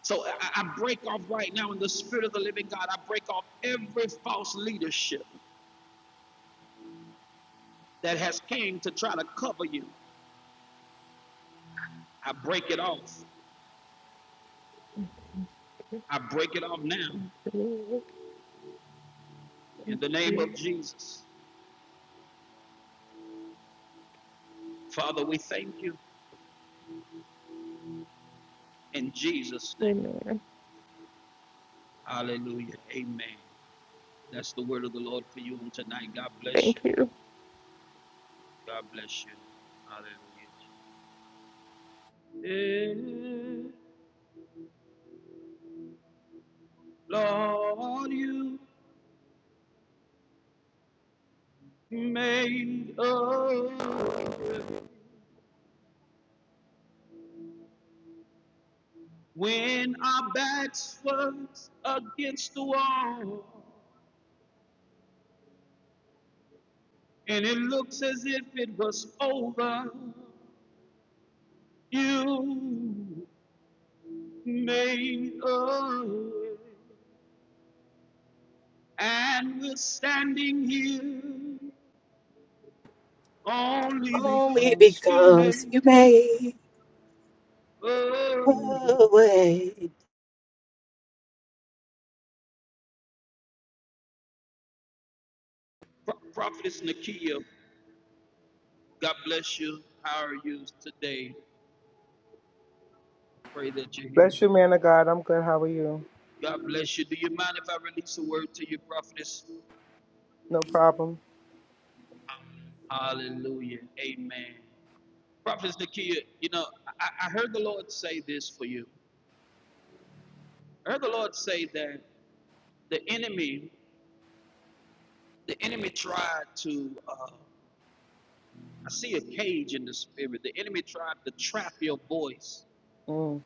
A: So I break off right now in the spirit of the living God. I break off every false leadership that has came to try to cover you. I break it off. I break it off now in the name of Jesus. Father, we thank you in Jesus' name.
H: Amen.
A: Hallelujah. Amen. That's the word of the Lord for you on tonight. God bless
H: Thank
A: you.
H: you.
A: God bless you. Hallelujah. Eh, Lord, you made a way when our backs was against the wall and it looks as if it was over. You made a way and we're standing here only
B: Only
A: because you
B: because
A: made.
B: you made
A: Oh,
B: a way.
A: Pro- Prophetess Nakia, God bless you. How are you today? Pray that you're here.
I: Bless you, man of God. I'm good. How are you?
A: God bless you. Do you mind if I release a word to you, Prophetess?
I: No problem.
A: Hallelujah. Amen. Prophetess Nakia, you know, I, I heard the Lord say this for you. I heard the Lord say that the enemy, the enemy tried to, uh, I see a cage in the spirit. The enemy tried to trap your voice
I: Mm,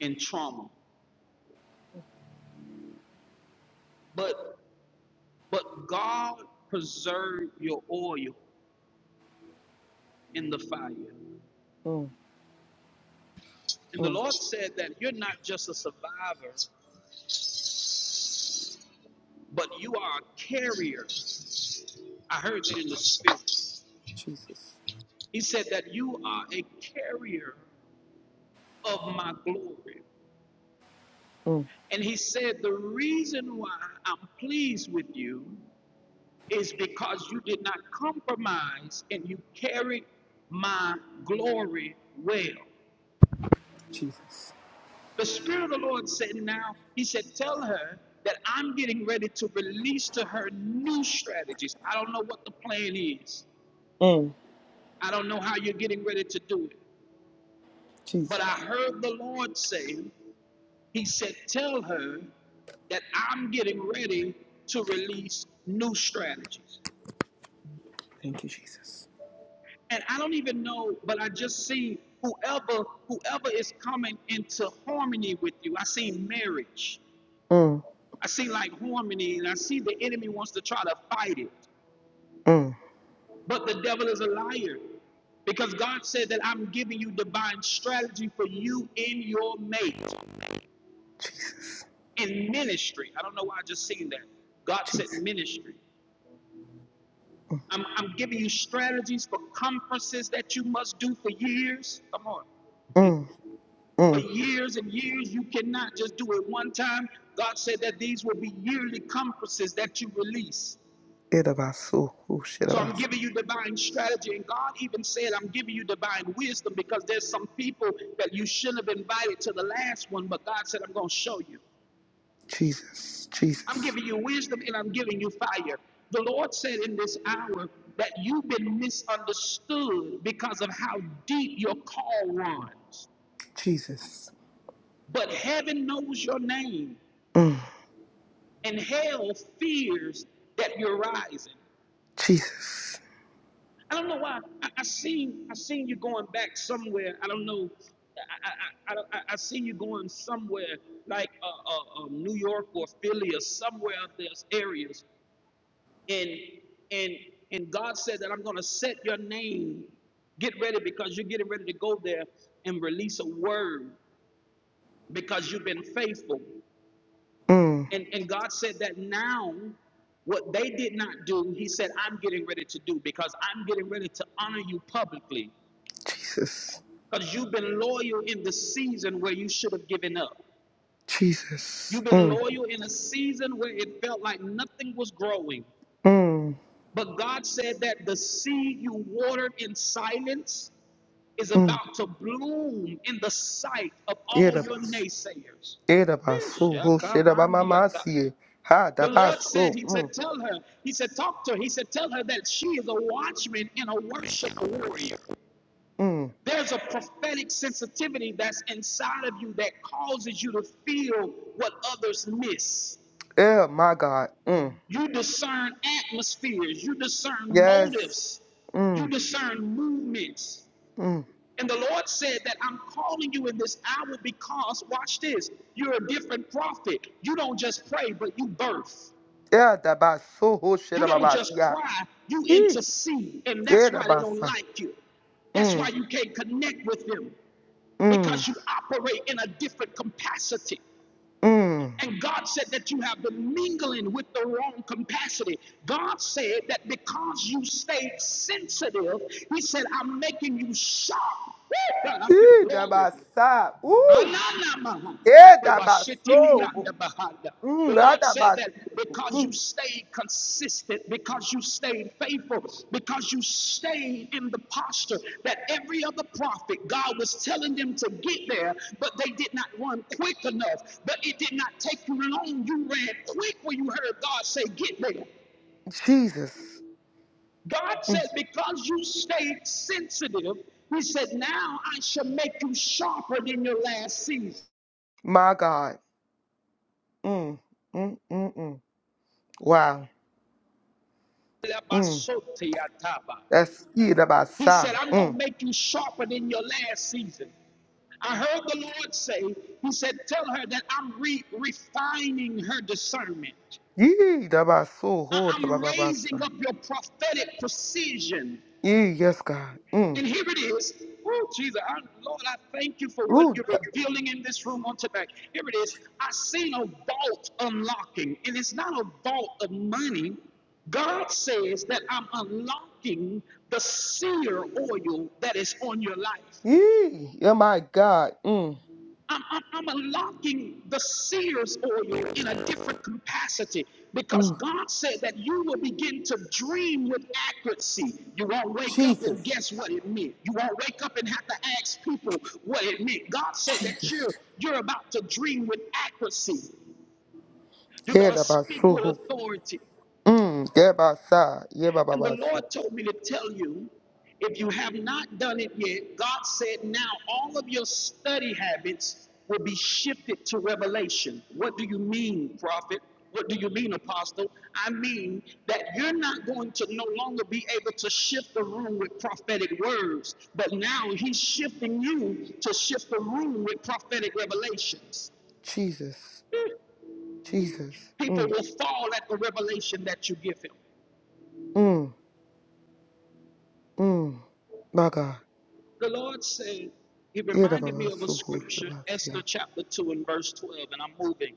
A: in trauma. But but God preserved your oil in the fire.
I: mm,
A: And the
I: mm.
A: Lord said that you're not just a survivor, but you are a carrier. I heard that in the spirit.
I: Jesus.
A: He said that you are a carrier of my glory.
I: Mm,
A: And he said, The reason why I'm pleased with you is because you did not compromise and you carried my glory well.
I: Jesus.
A: The Spirit of the Lord said, Now, He said, Tell her that I'm getting ready to release to her new strategies. I don't know what the plan is,
I: Mm,
A: I don't know how you're getting ready to do it. But
I: Jesus.
A: I heard the Lord say, He said, Tell her that I'm getting ready to release new strategies.
I: Thank you, Jesus.
A: And I don't even know, but I just see whoever whoever is coming into harmony with you. I see marriage.
I: Mm,
A: I see like harmony and I see the enemy wants to try to fight it.
I: mm.
A: But the devil is a liar because God said that I'm giving you divine strategy for you in your mate,
I: Jesus.
A: in ministry. I don't know why I just seen that. God said
I: Jesus.
A: ministry.
I: Mm,
A: I'm, I'm giving you strategies for conferences that you must do for years. Come on.
I: mm.
A: For
I: mm.
A: years and years, you cannot just do it one time. God said that these will be yearly conferences that you release.
I: It about so. Oh, shit
A: So I'm
I: about so.
A: giving you divine strategy. And God even said, I'm giving you divine wisdom because there's some people that you shouldn't have invited to the last one, but God said, I'm going to show you.
I: Jesus.
A: I'm
I: Jesus.
A: giving you wisdom and I'm giving you fire. The Lord said in this hour that you've been misunderstood because of how deep your call runs.
I: Jesus.
A: But heaven knows your name,
I: Mm,
A: and hell fears that you're rising.
I: Jesus.
A: I don't know why. I, I seen I seen you going back somewhere. I don't know. I I I, I, I seen you going somewhere like uh, uh, uh, New York or Philly or somewhere of those areas, and and and God said that I'm gonna set your name. Get ready because you're getting ready to go there and release a word because you've been faithful.
I: Mm,
A: And and God said that now what they did not do, He said I'm getting ready to do because I'm getting ready to honor you publicly.
I: Jesus.
A: Because you've been loyal in the season where you should have given up.
I: Jesus.
A: You've been
I: Mm,
A: loyal in a season where it felt like nothing was growing.
I: mm,
A: But God said that the seed you watered in silence is
I: mm.
A: about to bloom in the sight of
I: It
A: all
I: about
A: your
I: so.
A: naysayers.
I: It about so. Oh, shit about my mouth. Ha, da
A: The
I: about
A: Lord said, He
I: so.
A: said, tell her, He said, talk to her, He said, tell her that she is a watchman and a worshiper warrior.
I: Mm.
A: There's a prophetic sensitivity that's inside of you that causes you to feel what others miss.
I: Yeah, my God. Mm.
A: You discern atmospheres, you discern
I: Yes.
A: motives, you
I: Mm.
A: discern movements.
I: Mm.
A: And the Lord said that I'm calling you in this hour because, watch this, you're a different prophet. You don't just pray, but you birth.
I: Yeah, that about so whole shit
A: You don't
I: about
A: just
I: yeah.
A: cry, you
I: Yee.
A: intercede. And
I: Yeah,
A: that's
I: that
A: why they
I: about
A: don't
I: sa.
A: like you. That's why
I: Mm.
A: you can't connect with them.
I: Mm.
A: because you operate in a different capacity.
I: Mm.
A: And God said that you have been mingling with the wrong capacity. God said that because you stayed sensitive, He said, I'm making you sharp. Woo! God, I feel
I: Yee, that
A: glory.
I: about sa. Ooh.
A: Ananamaha,
I: Yeah, that about so.
A: obashitiliandabahanda.
I: Mm.
A: The
I: That
A: Lord said
I: about
A: that because you stayed consistent, because you stayed faithful, because you stayed in the posture that every other prophet, God was telling them to get there, but they did not run quick enough. But it did not take you long. You ran quick when you heard God say, Get there.
I: Jesus.
A: God says, Because you stayed sensitive, He said, Now I shall make you sharper than your last season.
I: My God. Mm. Mm. Mm. Mm. Wow. Mm. That's yee, that about
A: He
I: sa.
A: said, I'm going to
I: Mm.
A: make you sharper than your last season. I heard the Lord say, He said, Tell her that I'm re- refining her discernment.
I: Yee, that about so
A: I-
I: whole that
A: I'm
I: about sa.
A: raising up your prophetic precision.
I: Yee, yes, God. Mm.
A: And here it is. Oh, Jesus, I, Lord, I thank you for what
I: Ooh.
A: you're revealing in this room on tonight. Here it is. I seen a vault unlocking, and it's not a vault of money. God says that I'm unlocking the seer oil that is on your life.
I: Yee. Oh my God. Mm.
A: I'm, I'm, I'm unlocking the seer's oil in a different capacity because
I: Mm.
A: God said that you will begin to dream with accuracy. You won't wake up and
I: Jesus.
A: guess what it meant. You won't wake up and have to ask people what it meant. God said that you're, you're about to dream with accuracy. You're going
I: Yeah,
A: to
I: da ba
A: speak
I: su
A: with
I: hu.
A: authority.
I: Mm. Yeah, ba sa. Yeah, ba ba
A: And the
I: ba su.
A: Lord told me to tell you if you have not done it yet, God said now all of your study habits will be shifted to revelation. What do you mean, prophet? What do you mean, apostle? I mean that you're not going to no longer be able to shift the room with prophetic words, but now He's shifting you to shift the room with prophetic revelations.
I: Jesus. Jesus.
A: People
I: Mm.
A: will fall at the revelation that you give Him.
I: Mm. Mm. My God.
A: The Lord said, He
I: Yeah, da ba
A: reminded me
I: ba
A: of a
I: su hu. Da
A: scripture,
I: ba su ya.
A: Esther chapter 2 and verse 12, and I'm moving.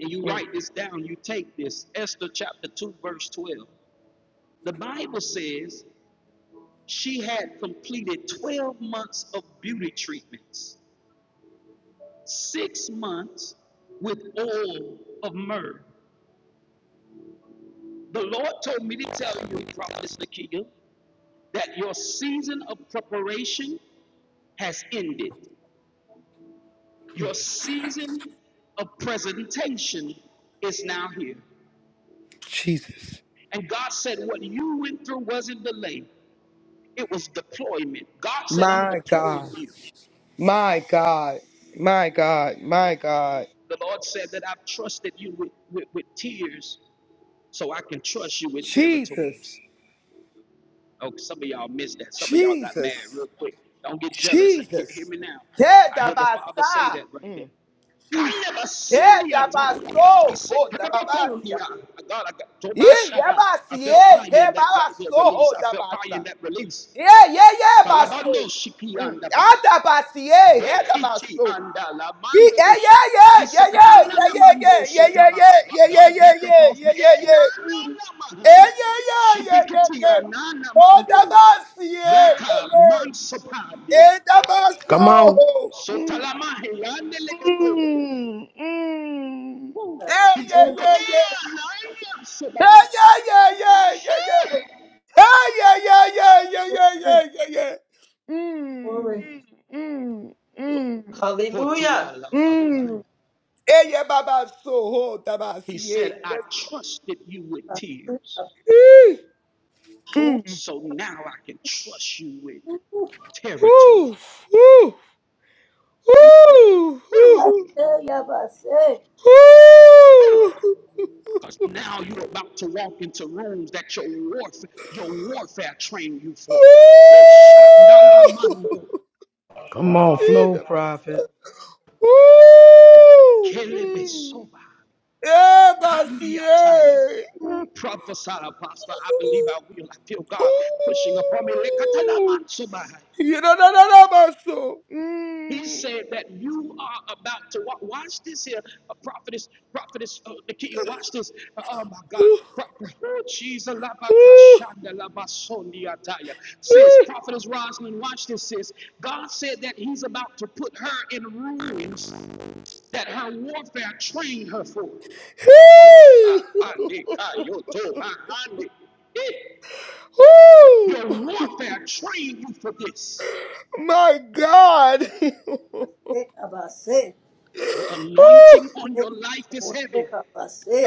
A: And you
I: Mm.
A: write this down, you take this, Esther chapter 2, verse 12. The Bible says she had completed 12 months of beauty treatments, six months with oil of myrrh. The Lord told me to tell you, Prophet Nakia, that your season of preparation has ended. Your season of presentation is now here.
I: Jesus.
A: And God said, What you went through wasn't delay, it was deployment. God said, I'm
I: My
A: deploying
I: God.
A: you.
I: My God. My God. My God.
A: The Lord said that I've trusted you with, with, with tears so I can trust you with
I: Jesus.
A: territories. Oh, some of y'all missed that. Some of y'all got mad real
I: Jesus.
A: quick. Don't get jealous. He- hear
I: Jesus.
A: me now.
I: Yeah,
A: I
I: da
A: hear the
I: ba
A: Father say
I: sa.
A: that right there.
I: Mm. Jesus. Eh,
A: I
I: tabaso.
A: said,
I: Oh, tababasia.
A: God, I
I: Eh, yabasi.
A: felt
I: Eh,
A: fire in that right there
I: jebabaso.
A: release.
I: Oh,
A: I felt fire in
I: tabasa.
A: that release.
I: Eh, yeah, yeah, baso. Mm. Ah, tabasi. Eh, eh,
A: Bekiti
I: tabaso.
A: andala
I: Eh, yeah,
A: mandosha.
I: yeah, yeah, yeah, yeah,
A: Isekatana
I: yeah,
A: na
I: yeah,
A: mandosha
I: yeah, yeah, yeah,
A: talaba.
I: yeah, yeah, yeah,
A: God
I: yeah,
A: back up
I: yeah,
A: off me.
I: yeah. yeah,
A: Eh na
I: yeah. Mm.
A: na na
I: Eh,
A: mahaya.
I: yeah, yeah, yeah, yeah,
A: Shipikiti
I: yeah.
A: anana
I: Oh,
A: mandeho.
I: tabasi. Eh, yeah,
A: Draka
I: yeah.
A: mansopade.
I: Eh,
E: Come on.
I: tabaso.
A: Sotalamahe andelebeko.
I: Mm, mm.
A: Woo.
I: Yeah,
A: He's
I: yeah,
C: serve.
A: come
I: yeah, yeah.
A: here and I am
I: Yeah,
A: Shabbat.
I: yeah, yeah, yeah, yeah,
A: Shee.
I: yeah. Yeah, yeah, yeah, yeah, yeah, yeah,
C: Yeah,
I: yeah, yeah, yeah. Mm,
C: glory.
I: mm, mm, mm,
D: Hallelujah.
A: bakaya.
I: mm. Yeah, yeah, Baba, so hold, Baba,
A: He
I: see, eh.
A: said, I
I: Yes, sir.
A: trusted you with tears.
C: Abasú,
I: Eh, Mm.
A: So now I can trust you with
C: abasé
A: territory.
I: Woo, woo, woo, woo,
A: Woo!
I: woo,
C: y abasé.
A: Woo!
I: woo.
A: Because now you're about to walk into rooms that your warfare, your warfare trained you for.
E: Come on,
I: Eh,
E: flow
I: Baba.
E: prophet.
I: Woo. Mm. Yeah, Basie.
A: Oh, prophesy, pastor, I believe
I: Ooh.
A: I will. I feel God pushing upon me.
I: You know, no, no, no, Baso.
A: He
I: Mm.
A: said that you are about to wa- watch this here, a uh, prophetess, prophetess, uh, Nakia, watch this. Uh, oh my God, Pro- oh, Jesus,
I: Ooh.
A: labakashanda prophetess Rosalind, watch this, Says God said that He's about to put her in ruins that her warfare trained her for. Oh,
I: Hey.
A: ah,
I: Ooh.
A: Eh, Your warfare trained you for this.
I: My God. Ooh.
C: Abasé, abasé.
A: The anointing on your life is
C: Abasé,
A: heavy.
C: abasé.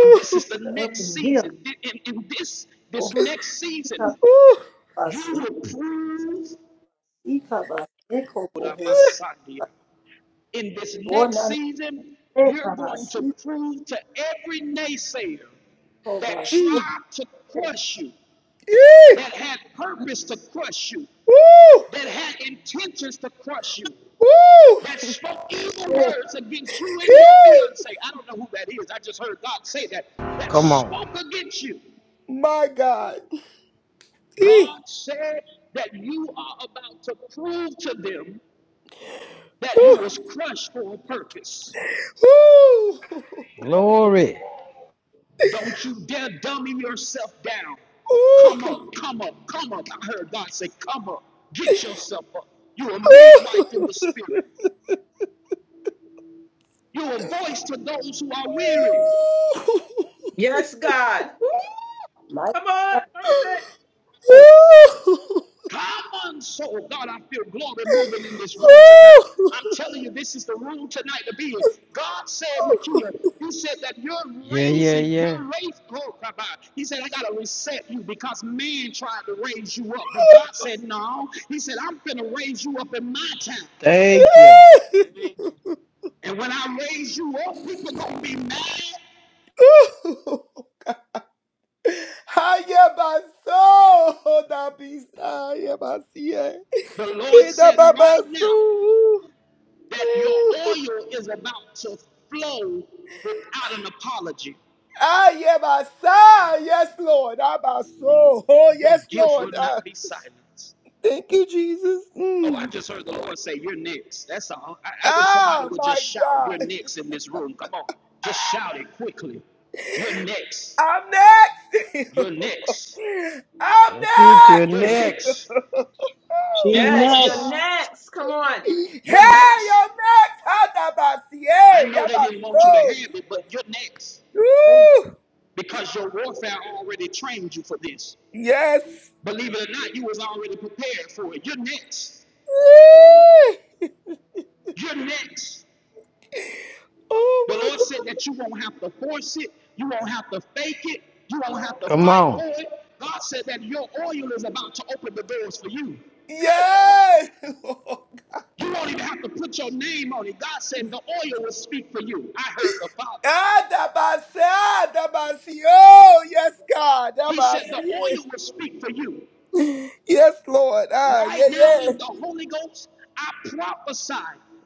A: And this is the
C: Up
A: next
C: in here.
A: season. In, in this, this
C: Ojica,
A: next season,
I: Ooh. Ooh.
A: you
C: abasí.
A: will prove
C: Ica, abasé. Como José.
A: in this
C: Ona,
A: next
C: abasé.
A: season, you're going to
C: Abasí,
A: prove to every naysayer
C: como
A: that
C: abasé.
I: Mm.
A: tried to crush you,
I: Eh.
A: that had purpose to crush you,
I: Ooh.
A: that had intentions to crush you, that
I: Ooh.
A: spoke evil
C: Yes,
A: words against you and your
I: Eh.
A: fiance. I don't know who that is. I just heard God say that. That
E: Come on.
A: spoke against you.
I: My God. Eh.
A: God said that you are about to prove to them that you
I: Ooh.
A: was crushed for a purpose.
I: Ooh.
E: Glory.
A: Don't you dare dummy yourself down. Come
I: Ooh,
A: up, come up, come up. I heard God say, come up, get yourself up. You're a midwife in the spirit. You're a voice to those who are weary.
D: Yes, God. Woo.
C: my
D: Come on,
C: God.
D: prophet.
A: Come on, soul. God, I feel glory moving in this room tonight. I'm telling you, this is the room tonight to be in. God said, Nakia, He said that you're
E: Yeah, yeah,
A: raising,
E: yeah.
A: you're raised. Oh, Rabbi. He said, I got to reset you because man tried to raise you up. But God said, No. He said, I'm going to raise you up in my time.
E: Thank you.
A: And when I raise you up, people going to be mad.
I: Haya baso da bisa ya basia.
A: The Lord
I: Ida
A: said right now
I: babasu.
A: that your oil is about to flow without an apology.
I: Haya basa. Yes, Lord. Abaso. Oh,
A: Your
I: yes,
A: gift
I: Lord.
A: will
I: Ah,
A: not be silenced.
I: thank you, Jesus.
A: Oh, I
I: Mm.
A: just heard the Lord say, You're next. That's all. I, I wish somebody
I: Ah,
A: would
I: my
A: just shout, You're
I: God.
A: next in this room. Come on. Just shout it quickly. You're next.
I: I'm next.
A: You're next.
I: I'm
E: That's it. You're
A: You're
I: next.
E: next.
A: next.
I: oh
A: You're
J: She's
I: my
D: Yes,
J: next.
D: you're
A: next.
I: God.
D: next. Come on.
A: You're
I: Hey,
A: next.
I: I'm next. Hadabasi.
A: I
I: Hey,
A: know they didn't want you to
I: Yabaso.
A: have it, but
C: Yes,
A: you're next
C: my-
I: Woo.
A: because your warfare already trained you for this.
I: Yes.
A: Believe it or not, you was already prepared for it. You're next.
I: Woo.
A: You're next. The
I: Oh my
A: Lord said that you won't have to force it, you won't have to fake it, you won't have to
E: Come
A: fight
E: on.
A: for it. God said that your oil is about to open the doors for you.
I: God. Yes.
A: You won't even have to put your name on it. God said the oil will speak for you. I heard the Father.
I: Adabasi. Adabasi. Oh, yes, God.
A: He said the
I: Adabasi.
A: oil will speak for you.
I: Yes, Lord. Ah,
A: Right
I: yeah,
A: now
I: yeah.
A: in the Holy Ghost, I prophesy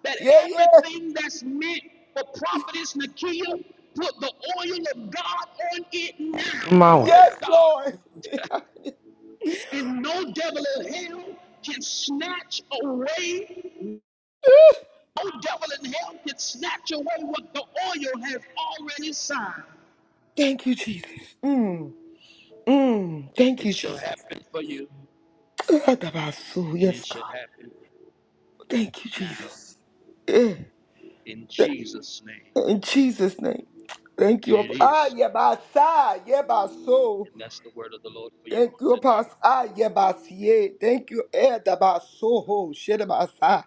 A: that
I: Yeah, yeah.
A: everything that's meant for prophetess Nakia, put the oil of God on it
E: Come
A: now.
E: on.
A: Oh,
I: Yes, Lord.
A: God. And no devil in hell can snatch away, no devil in hell can snatch away what the oil has already signed.
I: Thank you, Jesus. Mm, mm, thank
A: It
I: you,
A: shall
I: Jesus.
A: happen for you,
I: Adabasu.
A: and
I: Yes,
A: it shall
I: God.
A: happen
I: Thank you,
A: now
I: Jesus.
A: in
I: Th-
A: Jesus' name.
I: In Jesus' name. Thank
A: And
I: you. Ap-
A: it is
I: Ah,
A: so.
I: yebasa, yebaso.
A: And that's the word of the Lord for you
I: Thank
A: on
I: you,
A: tonight.
I: Apostle. Ah, yebasie. Thank you, Adabaso. ho, shedabasa.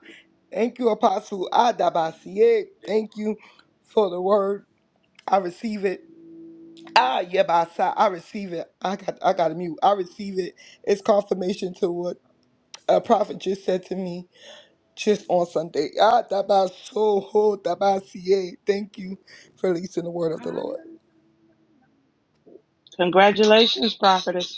I: Thank you, Apostle. Adabasie. Thank you for the word. I receive it. Ah, yebasa. I receive it. I got I got a mute. I receive it. It's confirmation to what a prophet just said to me just on Sunday, Ah, Dabasoho Dabasie. Thank you for releasing the word of the Lord.
J: Congratulations, prophetess.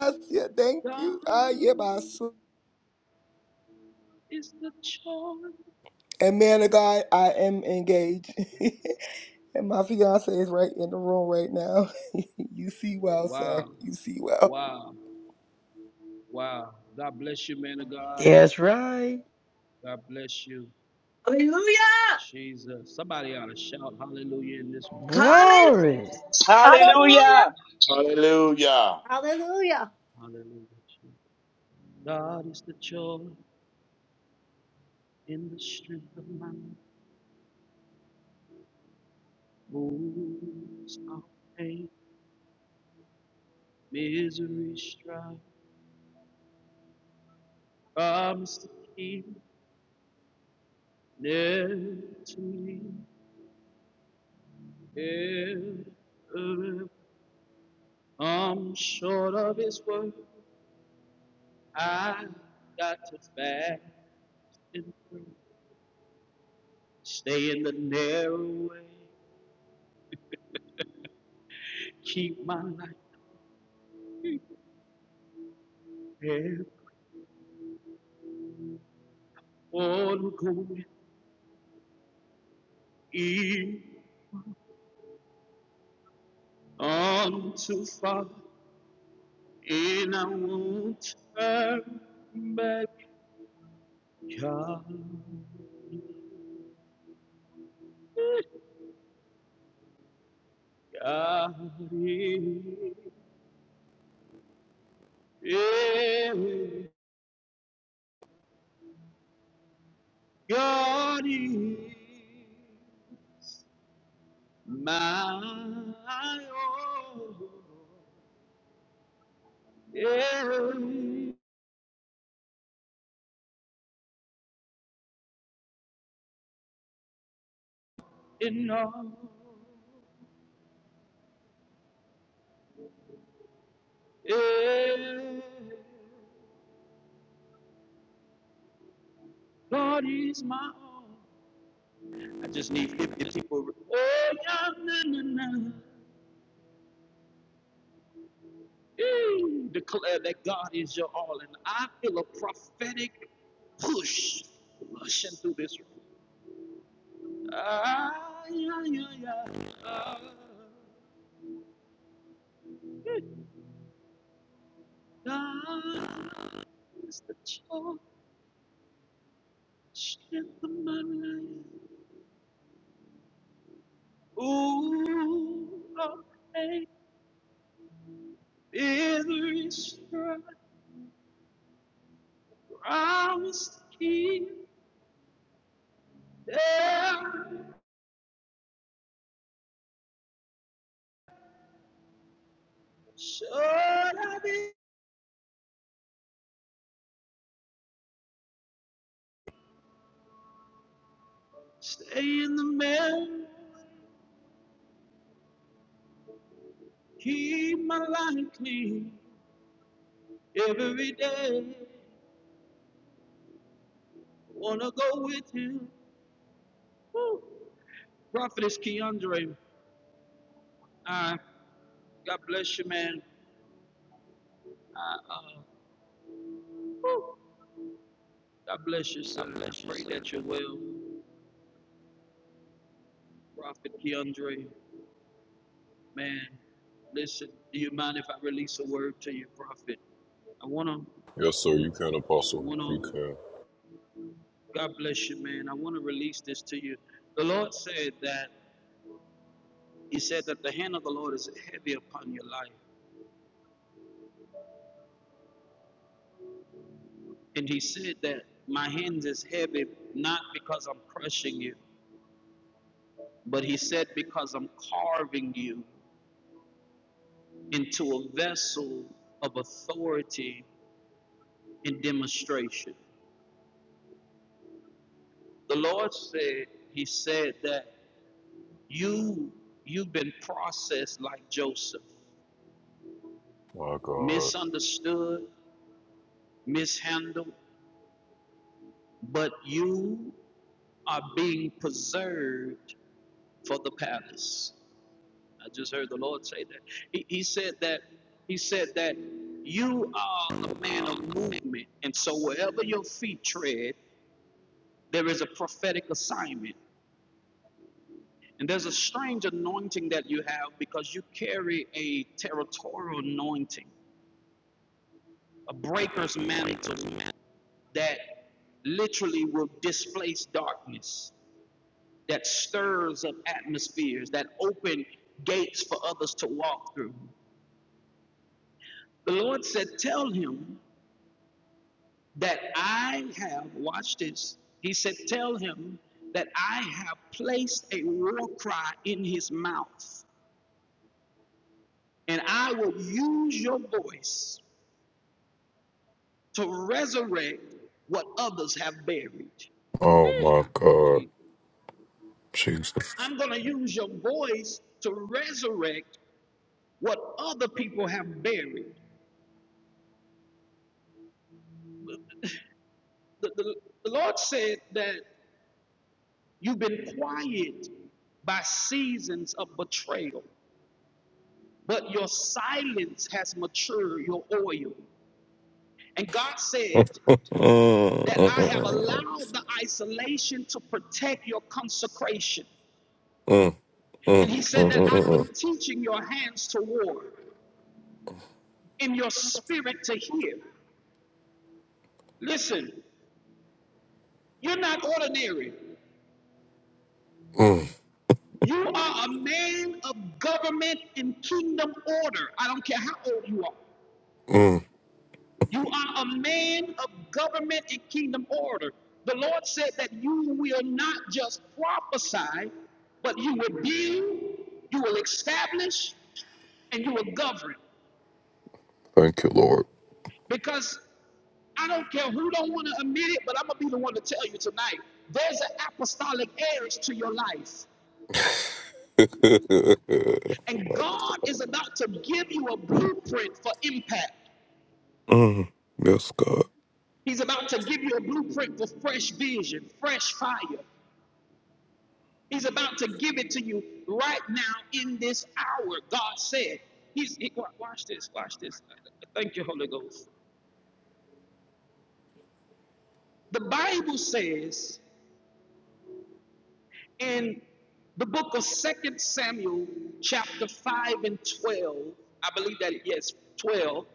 I: Yes, yeah. Thank
A: God
I: you. Ah, yeah, Baso.
A: is the choice.
I: And man of God, I am engaged. and my fiance is right in the room right now. you see well, sir.
A: Wow.
I: You see well.
A: Wow. Wow. God bless you, man of God.
E: That's right.
A: God bless you.
D: Hallelujah.
A: Jesus. Somebody ought to shout hallelujah in this.
D: Hallelujah.
E: Glory.
C: Hallelujah.
J: Hallelujah.
K: Hallelujah.
C: Hallelujah.
A: Hallelujah. God is the joy in the strength of my moves all pain, misery, strife. Promise to keep near to me. Ever. I'm short of his word. I got to fast and pray. Stay in the narrow way. Keep my life prepared. All going E unto Father, and I won't turn back. God, God is, yeah, God is my all, yeah, in all, yeah, God is my all. I just need 50 people. Oh, yeah, na, na, na. Ooh, declare that God is your all. And I feel a prophetic push rushing through this room. Ah, yeah, yeah, yeah. Ah, God is the strength of my life. Ooh, oh, hey, every stride I was keep there. Should I be stay in the middle? Keep my life clean every day. Wanna go with him. Woo. Prophetess Keandre, uh, God bless you, man. I, uh, God bless you, sir. I pray that you will. Prophet Keandre, man, listen, do you mind if I release a word to you, Prophet? I wanna, I wanna, God bless you, man. I wanna release this to you. The Lord said that, He said that the hand of the Lord is heavy upon your life. And he said that my hands is heavy not because I'm crushing you, but he said because I'm carving you into a vessel of authority and demonstration. The Lord said, He said that you you've been processed like Joseph, misunderstood, mishandled, but you are being preserved for the palace. I just heard the Lord say that. He, he said that he said that you are a man of movement, and so wherever your feet tread, there is a prophetic assignment. And there's a strange anointing that you have because you carry a territorial anointing, a breaker's mantle that literally will displace darkness, that stirs up atmospheres, that open gates for others to walk through. The Lord said, Tell him that I have, watch this. He said, Tell him that I have placed a war cry in his mouth, and I will use your voice to resurrect what others have buried. Eh, gee. I'm going to use your voice to resurrect what other people have buried. The, the, the Lord said that you've been quiet by seasons of betrayal. but your silence has matured your oil. And God said
L: Mm,
A: that I have
L: mm,
A: allowed the isolation to protect your consecration.
L: mm, mm, mm, mm, mm, mm,
A: And
L: mm,
A: He said
L: mm,
A: that
L: mm,
A: I've been teaching your hands to war and your spirit to hear. Listen, you're not ordinary.
L: mm,
A: You are a man of government and kingdom order. I don't care how old you are.
L: mm.
A: You are a man of government and kingdom order. The Lord said that you will not just prophesy, but you will build, you will establish, and you will govern. Because I don't care who don't want to admit it, but I'm gonna be the one to tell you tonight. There's an apostolic heirs to your life, and God is about to give you a blueprint for impact. He's about to give you a blueprint for fresh vision, fresh fire. He's about to give it to you right now in this hour, God said. He's, he, watch this, watch this. Thank you, Holy Ghost. The Bible says in the book of Second Samuel, chapter 5 and 12, I believe that, yes, 12,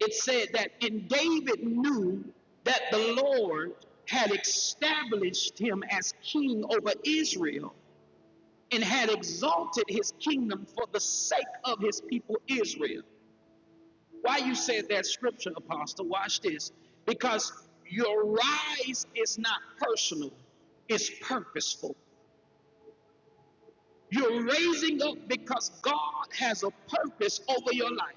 A: it said that, and David knew that the Lord had established him as king over Israel. and had exalted his kingdom for the sake of his people Israel. Why you said that scripture, Apostle? Watch this. Because your rise is not personal, it's purposeful. You're raising up because God has a purpose over your life.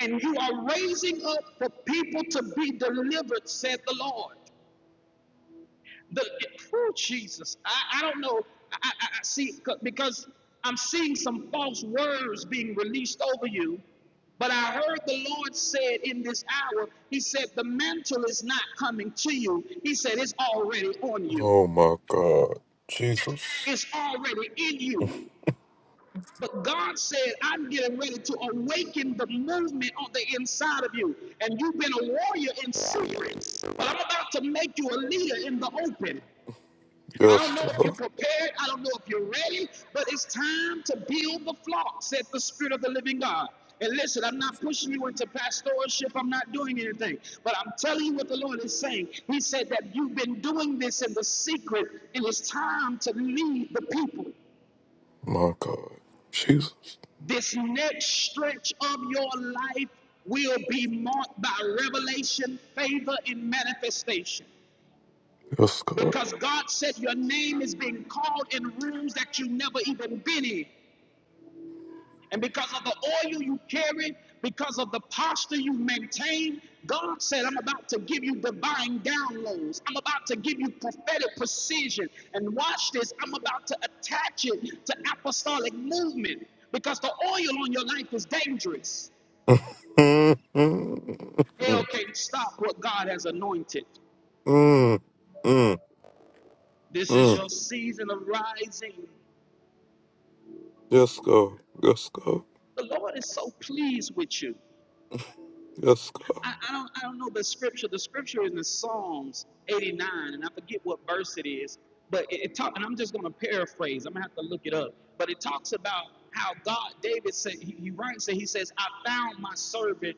A: And you are raising up for people to be delivered, said the Lord. the oh, Jesus. I, I don't know. I, I, I see because I'm seeing some false words being released over you. But I heard the Lord said in this hour, He said, the mantle is not coming to you. He said, it's already on you, it's already in you. But God said, I'm getting ready to awaken the movement on the inside of you. And you've been a warrior in secret, but I'm about to make you a leader in the open. I don't know if you're prepared. I don't know if you're ready, but it's time to build the flock, said the Spirit of the living God. And listen, I'm not pushing you into pastoralship. I'm not doing anything. But I'm telling you what the Lord is saying. He said that you've been doing this in the secret, and it's time to lead the people. This next stretch of your life will be marked by revelation, favor, and manifestation. Because God said your name is being called in rooms that you've never even been in. And because of the oil you carry, because of the posture you maintain, God said, I'm about to give you divine downloads. I'm about to give you prophetic precision. And watch this, I'm about to attach it to apostolic movement because the oil on your life is dangerous. Hell can't stop what God has anointed. This is your season of rising. The Lord is so pleased with you. I, I don't I don't know the scripture. The scripture is in Psalms 89, and I forget what verse it is, but it, it talk, and I'm just gonna paraphrase. I'm gonna have to look it up. But it talks about how God, David said, he, he writes it, he says, I found my servant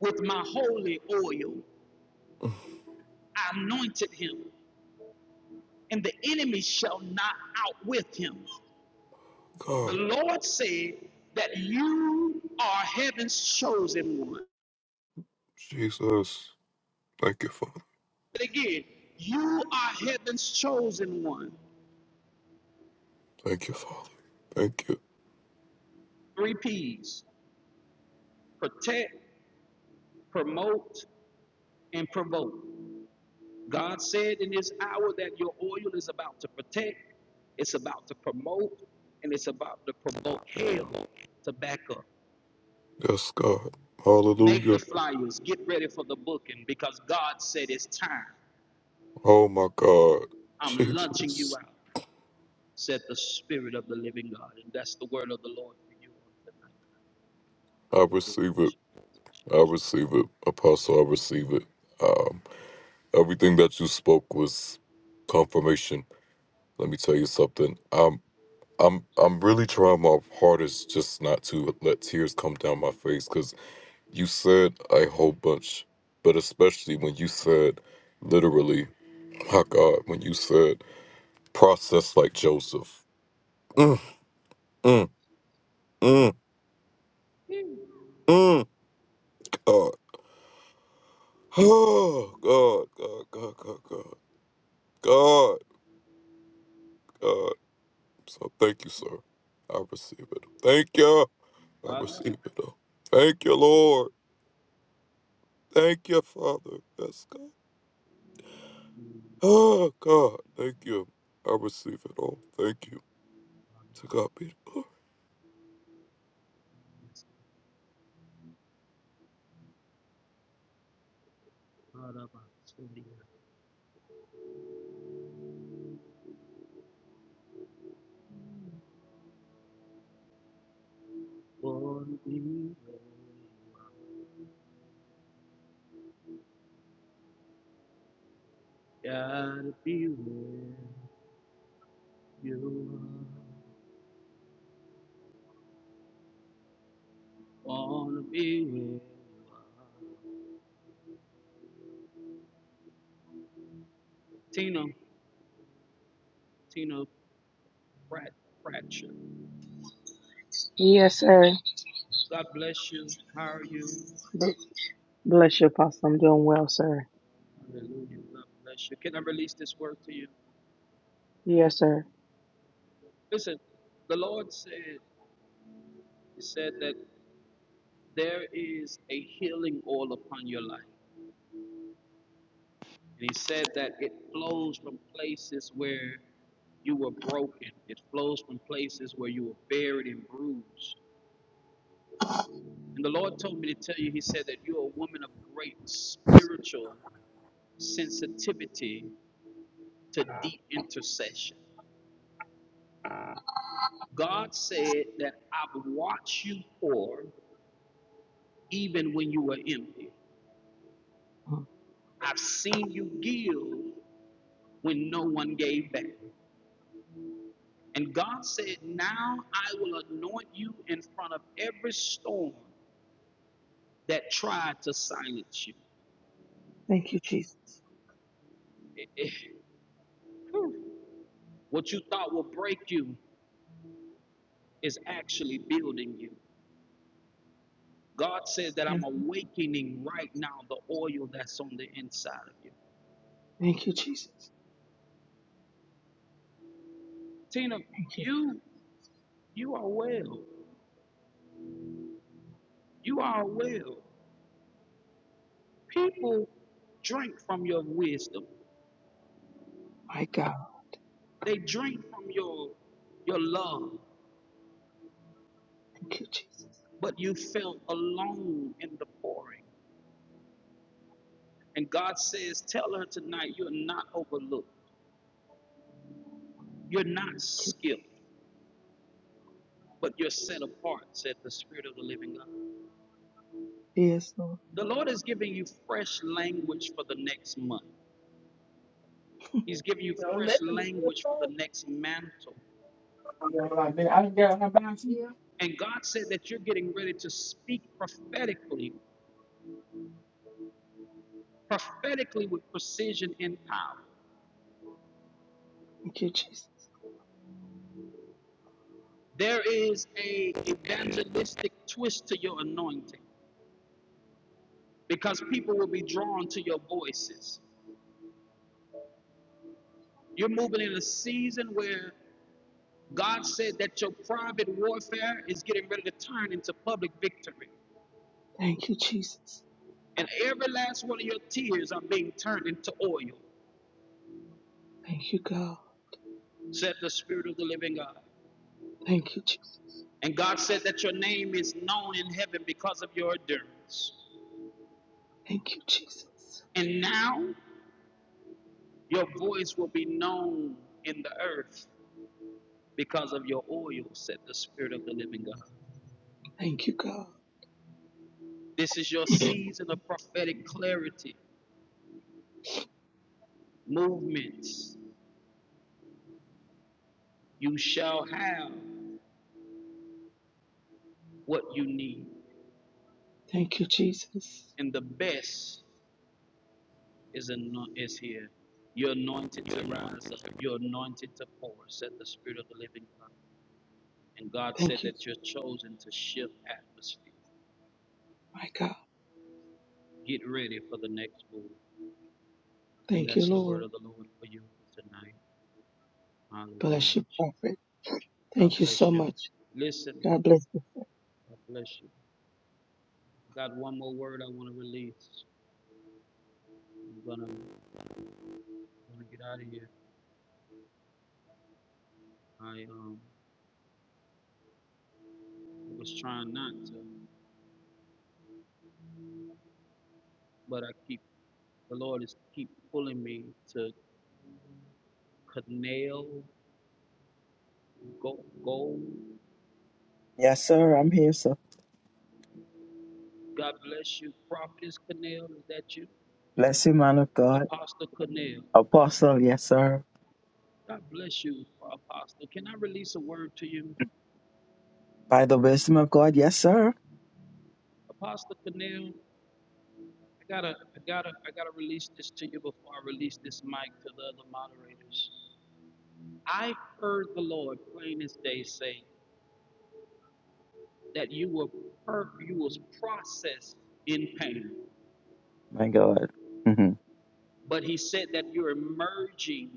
A: with my holy oil. I anointed him, and the enemy shall not outwit him. The Lord said that you are heaven's chosen one. But again, you are heaven's chosen one. Three P's protect, promote, and provoke. God said in this hour that your oil is about to protect, it's about to promote, and it's about to provoke hell to back up. Make the flyers, get ready for the booking because God said it's time. I'm launching you out, said the Spirit of the living God. And that's the word of the Lord for you on tonight. Hallelujah. God knows. Gotta be where you Wanna be with Tina, Tina Pratt, Pratchett.
J: Yes, sir.
A: God bless you. How are you?
J: Bless you, Apostle. I'm doing well, sir.
A: Hallelujah. God bless you. Can I release this word to you?
J: Yes, sir.
A: Listen, the Lord said, He said that there is a healing all upon your life. And He said that it flows from places where you were broken. It flows from places where you were buried and bruised. And the Lord told me to tell you, He said that you're a woman of great spiritual sensitivity to deep intercession. God said that I've watched you pour even when you were empty. I've seen you give when no one gave back. And God said, Now I will anoint you in front of every storm that tried to silence you.
J: Thank you, Jesus.
A: What you thought will break you is actually building you. God says that
J: Thank
A: I'm awakening right now the oil that's on the inside of you.
J: thank you, Jesus.
A: Tina,
J: Thank you,
A: you you are well. You are well. People drink from your wisdom.
J: my God.
A: They drink from your your love,
J: Thank you, Jesus.
A: but you felt alone in the pouring. And God says, tell her tonight you're not overlooked. You're not skipped, but you're set apart, said the Spirit of the Living God.
J: Yes, Lord.
A: The Lord is giving you fresh language for the next month. He's giving you
M: Don't
A: fresh
M: let them do
A: language for the next mantle.
M: I mean, I done got her back.
A: And God said that you're getting ready to speak prophetically, prophetically with precision and power.
J: Thank you, Jesus.
A: There is a evangelistic twist to your anointing because people will be drawn to your voices. You're moving in a season where God said that your private warfare is getting ready to turn into public victory.
J: Thank you, Jesus.
A: And every last one of your tears are being turned into oil,
J: Thank you, God.
A: said the Spirit of the living God.
J: Thank you, Jesus.
A: And God said that your name is known in heaven because of your endurance.
J: Thank you, Jesus.
A: And now your voice will be known in the earth because of your oil, said the Spirit of the living God.
J: Thank you, God.
A: This is your season of prophetic clarity, movements. You shall have what you need,
J: Thank you, Jesus.
A: and the best is, is here. You're anointed to rise up, you're anointed to pour, said the Spirit of the living God. And God said
J: Thank you,
A: that you're chosen to shift atmosphere.
J: my God.
A: get ready for the next move. And
J: Thank you,
A: that's the
J: Lord.
A: word of the Lord for you tonight. Hallelujah.
J: Bless you, prophet.
A: God
J: Thank you so
A: bless you.
J: much.
A: Listen,
J: God bless you.
A: God bless you. Got one more word I want to release. I'm gonna I'm gonna get out of here. I um was trying not to, but I keep the Lord is keep pulling me to Canal Go Gold.
N: Yes, sir. I'm here, sir.
A: God bless you, Prophetess Canal. Is that you,
N: Bless you, man of God.
A: Apostle Canal?
N: Apostle, yes, sir.
A: God bless you, Apostle. Can I release a word to you?
N: By the wisdom of God, yes, sir.
A: Apostle Canal, I gotta, I gotta, I gotta release this to you before I release this mic to the other moderators. I heard the Lord plain as day say that you were, per- you was processed in pain,
N: My God. Mhm.
A: but He said that you're emerging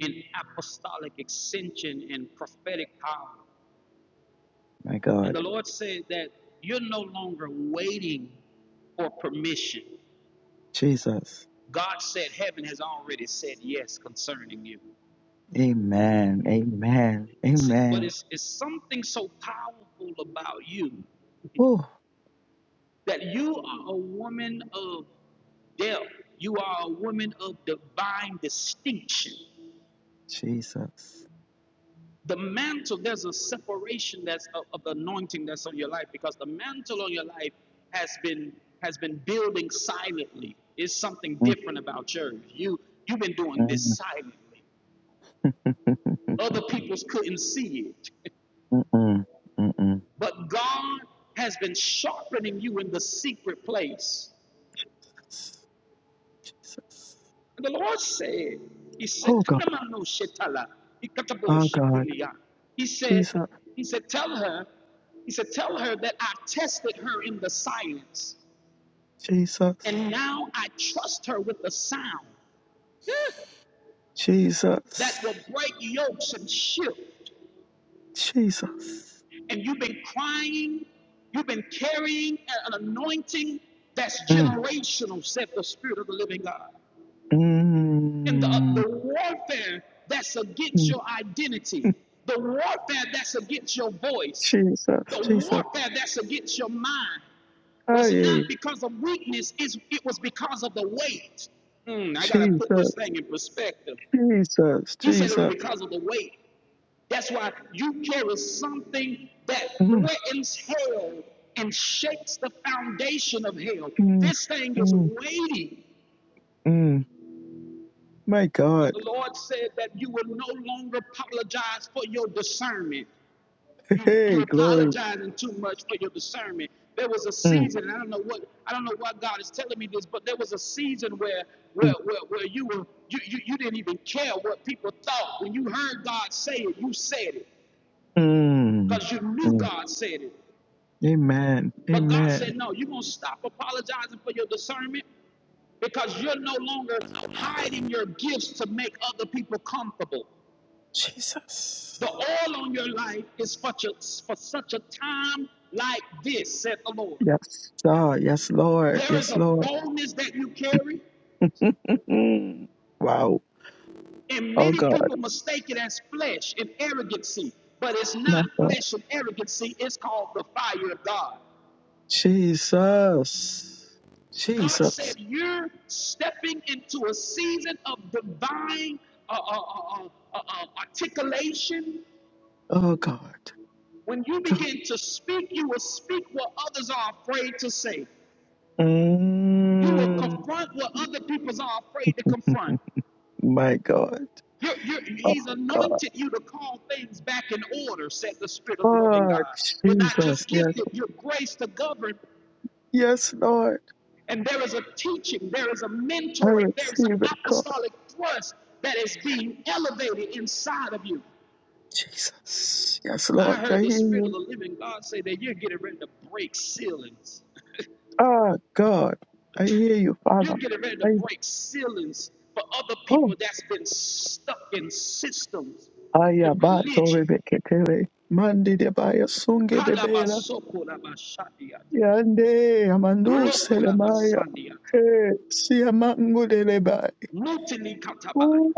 A: in apostolic extension and prophetic power.
N: My
A: And
N: God.
A: the Lord said that you're no longer waiting for permission.
N: Jesus.
A: God said heaven has already said yes concerning you.
N: Amen. Amen.
A: See, but
N: Amen.
A: it's, it's something so powerful about you
N: Oh,
A: that you are a woman of depth. You are a woman of divine distinction.
N: Jesus.
A: The mantle, there's a separation that's of, of the anointing that's on your life because the mantle on your life has been has been building silently. It's something
N: Mm-mm.
A: different about yours. You you've been doing this silently. Other peoples couldn't see it.
N: Mm-mm. Mm-mm. Mm-mm.
A: But God has been sharpening you in the secret place.
N: Jesus.
A: And the Lord said, He said,
N: Oh, God.
A: "Kanamano shetala, ikatabo
N: Oh, God.
A: shitilia." He said,
N: Jesus.
A: He said, tell her, He said, tell her that I tested her in the silence,
N: Jesus.
A: and now I trust her with the sound eh, that will
N: Jesus.
A: break yokes and shift.
N: Jesus.
A: And you've been crying, you've been carrying an anointing that's
N: Mm.
A: generational, said the Spirit of the Living God. and the,
N: Mm.
A: the warfare that's against your identity, the warfare that's against your voice,
N: Jesus,
A: the
N: Jesus,
A: warfare that's against your mind was not
N: aye,
A: because of weakness, it's- it was because of the weight. Hmm, I got to put
N: Jesus,
A: this thing in perspective.
N: Jesus,
A: He said it was
N: Jesus.
A: because of the weight. That's why you carry something that
N: Mm,
A: threatens hell and shakes the foundation of hell.
N: mm,
A: This thing is
N: mm,
A: weighty.
N: mm. My
A: But
N: God,
A: the Lord said that you will no longer apologize for your discernment. You you
N: hey, glory.
A: apologizing too much for your discernment. There was a
N: Mm,
A: season, and I don't know what I don't know why God is telling me this, but there was a season where where
N: mm,
A: where, where you were you, you you didn't even care what people thought. When you heard God say it, you said it
N: mm,
A: because you knew
N: mm.
A: God said it.
N: Amen,
A: But God
N: amen.
A: said, no, you're gonna stop apologizing for your discernment because you're no longer hiding your gifts to make other people comfortable.
N: Jesus.
A: The oil on your life is for, such a- for such a time like this, said the Lord.
N: Yes, sir. Yes, Lord.
A: There is
N: Yes,
A: a
N: Lord.
A: boldness that you carry,
N: Mm. wow.
A: and
N: Oh,
A: many
N: God.
A: people mistake it as flesh and arrogancy, but it's
N: My
A: not
N: God.
A: flesh and arrogancy, it's called the fire of God.
N: Jesus.
A: God said,
N: Jesus.
A: You're stepping into a season of divine uh, uh, uh, uh, uh, uh, articulation.
N: Oh, God.
A: When you
N: God.
A: begin to speak, you will speak what others are afraid to say. You will
N: Mm.
A: confront what other peoples are afraid to confront.
N: My God.
A: You're, you're,
N: Oh
A: he's
N: God.
A: anointed you to call things back in order, said the Spirit of the living
N: Oh
A: God. You're not
N: Jesus.
A: just
N: Yes.
A: gifted, you're graced to govern.
N: Yes, Lord.
A: And there is a teaching, there is a
N: I
A: mentoring, there is an
N: receive it, God.
A: apostolic thrust that is being elevated inside of you.
N: Jesus. Yes,
A: I
N: Lord. I
A: heard the
N: hear
A: Spirit of
N: you.
A: the living God say that you're getting ready to break ceilings.
N: Ah God. I hear you,
A: You're
N: Father.
A: getting ready to
N: I
A: break ceilings for other people
N: oh
A: that's been stuck in systems, in
N: Ayabato
A: religion.
N: Rebekele. Mandi de Baya Sunge Bebela.
A: Kalabasokorabashadiata,
N: Yande Amandu Selemaya.
A: lokorabasadiata,
N: Hey, Siamangu de Lebai.
A: mutilikatabai.
N: Oh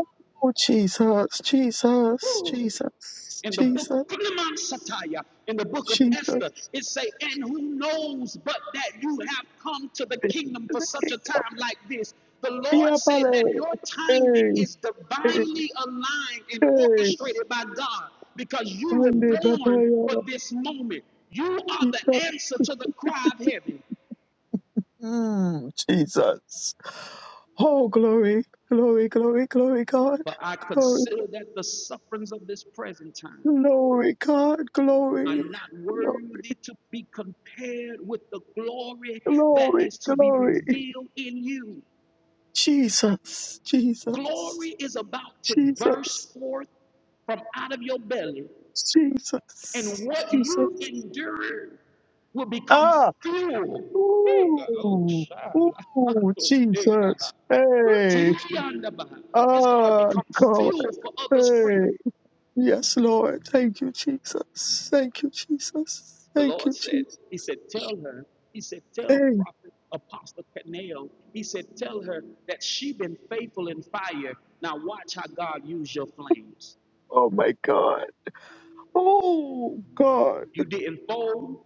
N: Jesus, Jesus,
A: Woo.
N: Jesus,
A: in the book of
N: Jesus,
A: Philemon Satire, in the book of Esther,
N: Jesus.
A: it say, and who knows but that you have come to the kingdom for such a time like this. The Lord
N: Yeah,
A: said that
N: pale.
A: your timing
N: Hey,
A: is
N: hey,
A: divinely aligned and
N: hey.
A: orchestrated by God because you were
N: Monday,
A: born for
N: papaya.
A: this moment. You are the
N: Jesus.
A: answer to the cry of heaven.
N: Mm, Jesus. Oh, glory, glory, glory, glory, God.
A: But I
N: Glory,
A: consider that the sufferings of this present time
N: glory, God.
A: are
N: Glory,
A: not
N: Glo-
A: worthy to be compared with the glory that
N: glory,
A: is to be
N: glory.
A: revealed in you.
N: Jesus, Jesus,
A: Glory is about to
N: Jesus,
A: burst forth from out of your belly, and
N: Jesus,
A: what
N: Jesus.
A: you endured will become
N: Ah,
A: fuel. oh,
N: ooh,
A: shala,
N: ooh,
A: mando, shekala,
N: Jesus. Hey,
A: utilianda ba. It's going to
N: ah,
A: become
N: God.
A: fuel for others' freedom.
N: Hey, yes, Lord. Thank you, Jesus. Thank you, Jesus.
A: The
N: Thank
A: Lord
N: you,
A: said,
N: Jesus.
A: He said, tell her, He said, tell
N: Hey,
A: prophet Apostle Canaan, He said, tell her that she been faithful in fire. Now watch how God used your flames.
N: oh my God. Oh, God.
A: You didn't fold.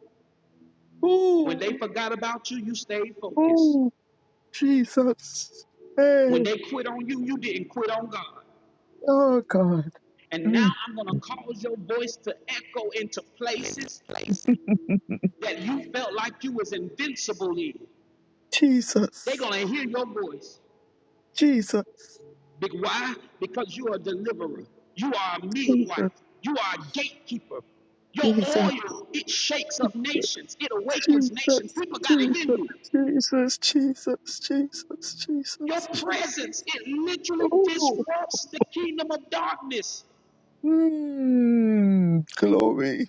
A: When they
N: Oh,
A: forgot about you, you stayed focused.
N: oh, Jesus.
A: When
N: Hey,
A: they quit on you, you didn't quit on God.
N: oh, God.
A: And now
N: Mm.
A: I'm going to cause your voice to echo into places that you felt like you was invincible in. They're
N: Jesus.
A: going to hear your voice.
N: Jesus.
A: Be- Why? Because you are a deliverer. You are a midwife.
N: Jesus.
A: You are a gatekeeper. Your
N: Jesus.
A: oil, it shakes up nations. It
N: Jesus.
A: awakens nations.
N: Jesus.
A: People got to hear you.
N: Jesus. Jesus. Jesus.
A: Your
N: Jesus.
A: presence,
N: Jesus.
A: it literally
N: Oh,
A: disrupts the kingdom of darkness.
N: mm. glory.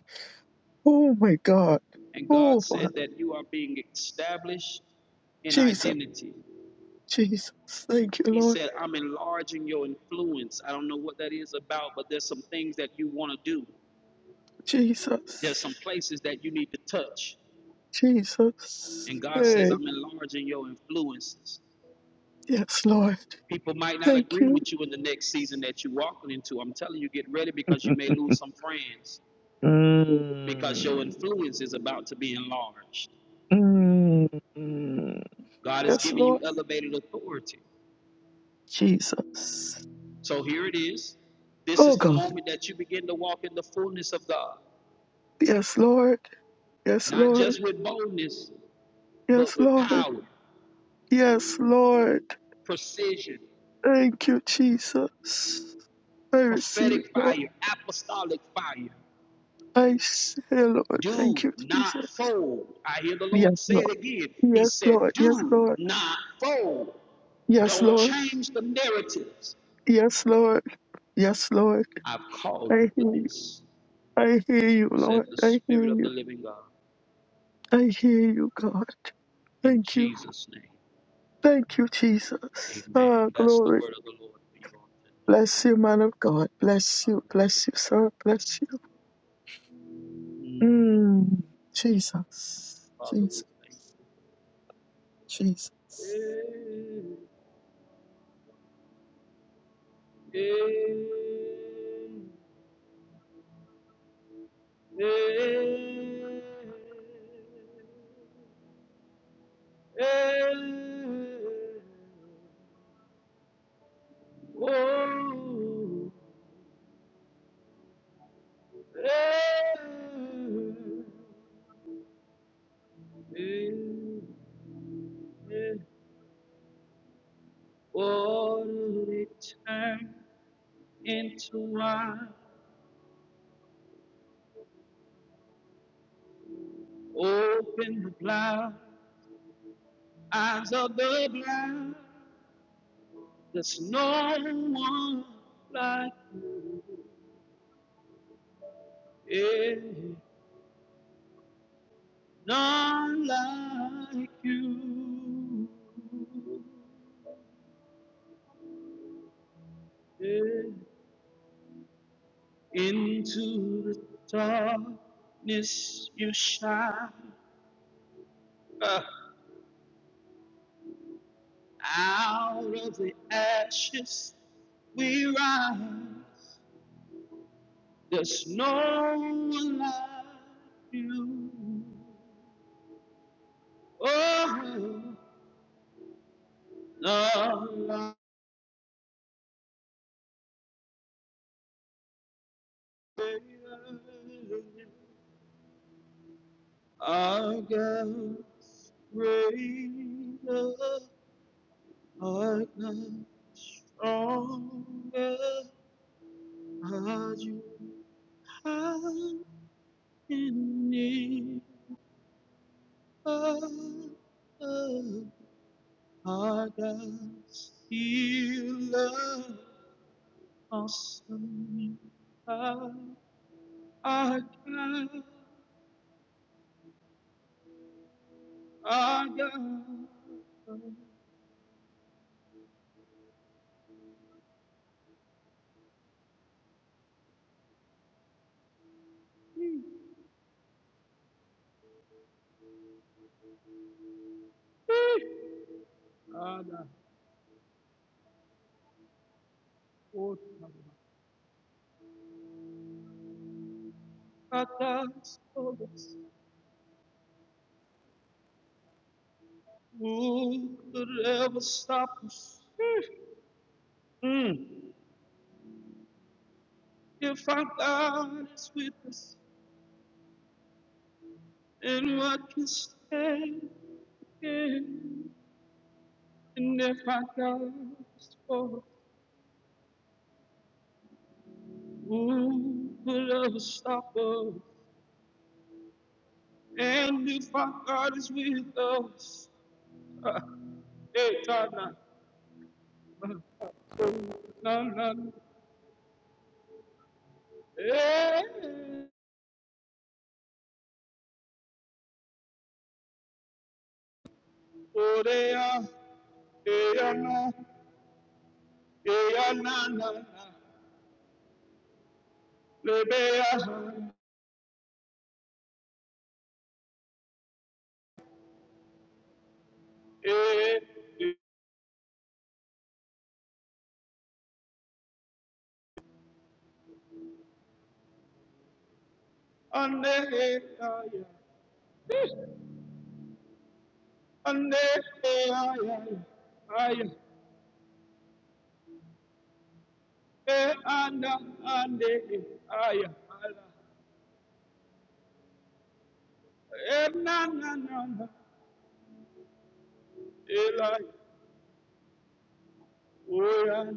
N: Oh my God.
A: And God
N: Oh my
A: said that you are being established in
N: Jesus.
A: identity.
N: Jesus. Thank you,
A: He
N: Lord.
A: said, I'm enlarging your influence. I don't know what that is about, but there's some things that you want to do. There's
N: Jesus.
A: some places that you need to touch.
N: Jesus.
A: And God says,
N: Hey.
A: I'm enlarging your influences.
N: Yes, Lord.
A: People might not
N: Thank
A: agree
N: you.
A: with you in the next season that you're walking into. I'm telling you, get ready because you may lose some friends because your
N: Mm.
A: influence is about to be enlarged.
N: Mm.
A: God is
N: Yes,
A: giving you
N: Lord.
A: elevated authority.
N: Jesus.
A: So here it is. This
N: Oh
A: is the
N: God.
A: moment that you begin to walk in the fullness of God,
N: Yes, Lord. Yes,
A: not
N: Lord.
A: just with boldness, but
N: Yes,
A: with
N: Lord.
A: power,
N: Yes, Lord.
A: precision,
N: Thank you, Jesus. I receive,
A: prophetic
N: Lord.
A: fire, apostolic fire.
N: I say, Lord.
A: Do
N: Thank you,
A: not
N: Jesus.
A: fold. I hear the Lord
N: Yes,
A: say
N: Lord.
A: it again. He
N: Yes,
A: said,
N: Lord. Yes,
A: Do
N: Lord.
A: not fold.
N: Yes,
A: Don't
N: Lord.
A: change the narratives.
N: Yes, Lord. Yes, Lord.
A: I've called
N: I
A: you
N: hear
A: for
N: you.
A: this,
N: I hear you,
A: said
N: Lord.
A: the
N: I
A: Spirit
N: hear
A: of the
N: you.
A: living God.
N: I hear you, God.
A: In
N: Thank you.
A: Jesus' name,
N: Thank you, Jesus.
A: amen.
N: Ah,
A: That's the
N: glory.
A: word of the Lord for you all today.
N: Bless you, man of God. Bless you. Bless you,
A: Hallelujah.
N: sir. Bless you.
A: Mm.
N: Mm. Jesus.
A: Father, we
N: Jesus.
A: thank
N: Jesus.
A: you. Eh, eh, eh, eh. eh, Oh, Water it turned into wine. Open the blind eyes of the blind. There's no one like you. Yeah, none like you. Yeah. Into the darkness you shine. Uh. Out of the ashes we rise. There's no one like you. Oh, no like you. Our God, greater, art thou, stronger are you. I'm in need of Agas healer, awesome God. Agas, Agas, Agas, Agas, Agas. Who could ever stop us? Mm. If our God is with us, then what can stand? And if our God is for us, Who could ever stop us? And if our God is with us, uh, hey, Tana, na na, eh, oh, they are, eh, ah, na, eh, ah, na, na, na, lebe, ah, eh, eh, ande, eh, ah, yeah, ande, eh, ah, yeah, yeah, yeah. ah, yeah, eh, anda, ande, eh, ah, yeah, ah, yeah, eh, na, na, na, na, eh, la, Where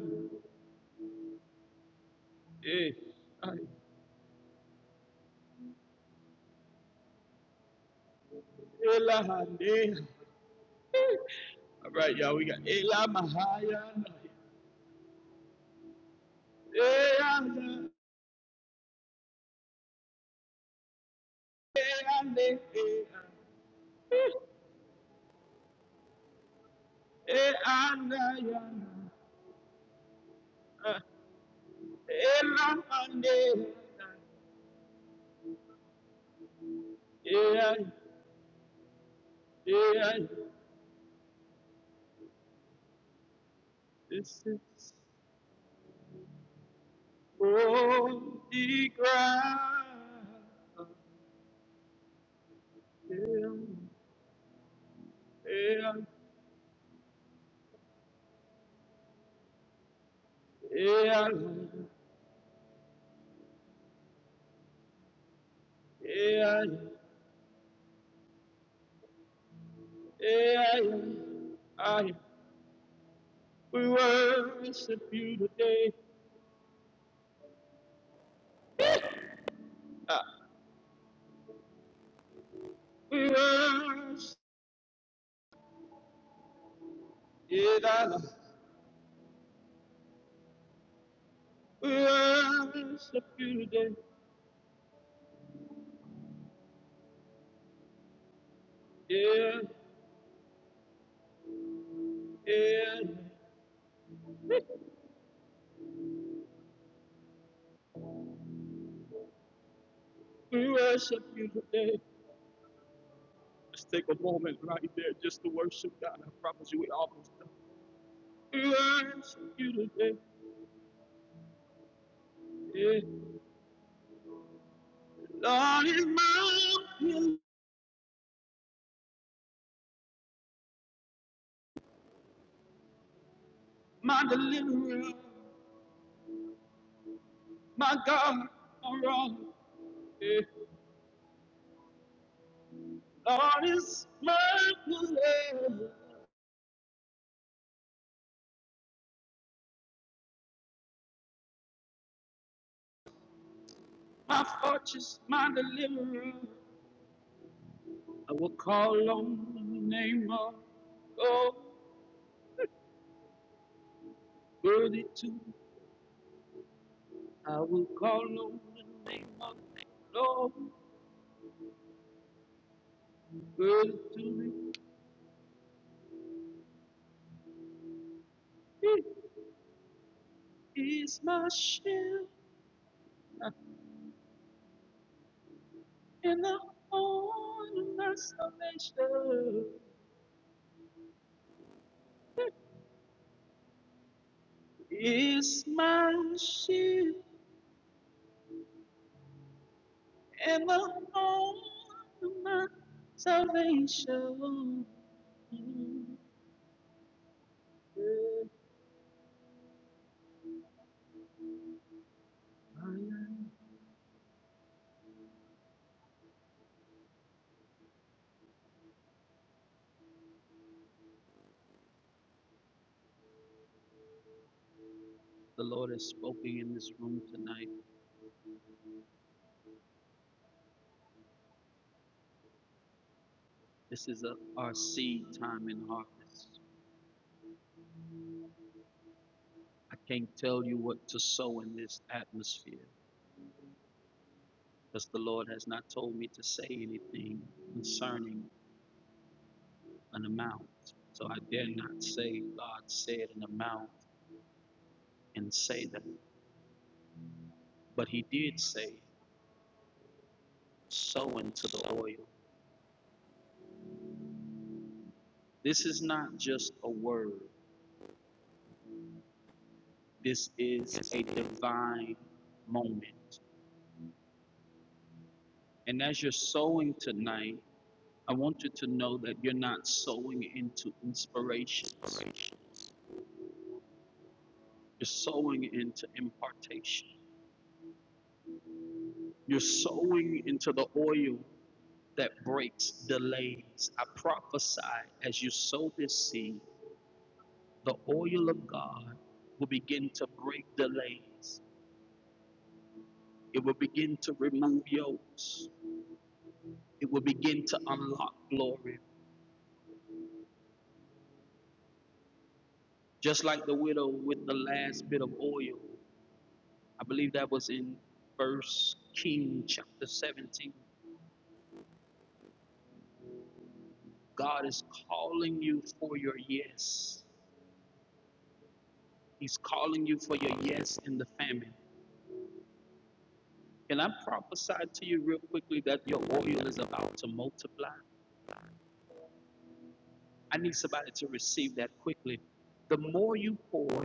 A: Eh, I- Ela Hane. All right, y'all, we got Ela Mahaya. Ela, Ela, Ela, Ela, Ela Hane. Yeah, yeah, this is holy ground. Yeah, yeah, yeah, yeah. Yeah, I, we worship you today. Ah, we worship, yeah, that, we worship you today. Yeah, yeah, we worship you today. Let's take a moment right there just to worship God. I promise you, we almost done. We worship you today. Yeah, Lord is my healer, my deliverer, my God, my rock. Yeah. Lord is my deliverer, my fortress, my deliverer. I will call on the name of Lord, worthy to. I will call on the name of Lord, worthy to. Be. He is my shield and the horn of my salvation. He is my shield and the horn of my salvation. The Lord has spoken in this room tonight. This is a, our seed time and harvest. I can't tell you what to sow in this atmosphere because the Lord has not told me to say anything concerning an amount. So I dare not say God said an amount and say that. But He did say, sow into the oil. This is not just a word, this is a divine moment. And as you're sowing tonight, I want you to know that you're not sowing into inspirations. You're sowing into impartation. You're sowing into the oil that breaks delays. I prophesy as you sow this seed, the oil of God will begin to break delays. It will begin to remove yokes. It will begin to unlock glory. Just like the widow with the last bit of oil. I believe that was in First King chapter 17. God is calling you for your yes. He's calling you for your yes in the famine. Can I prophesy to you real quickly that your oil is about to multiply? I need somebody to receive that quickly. The more you pour,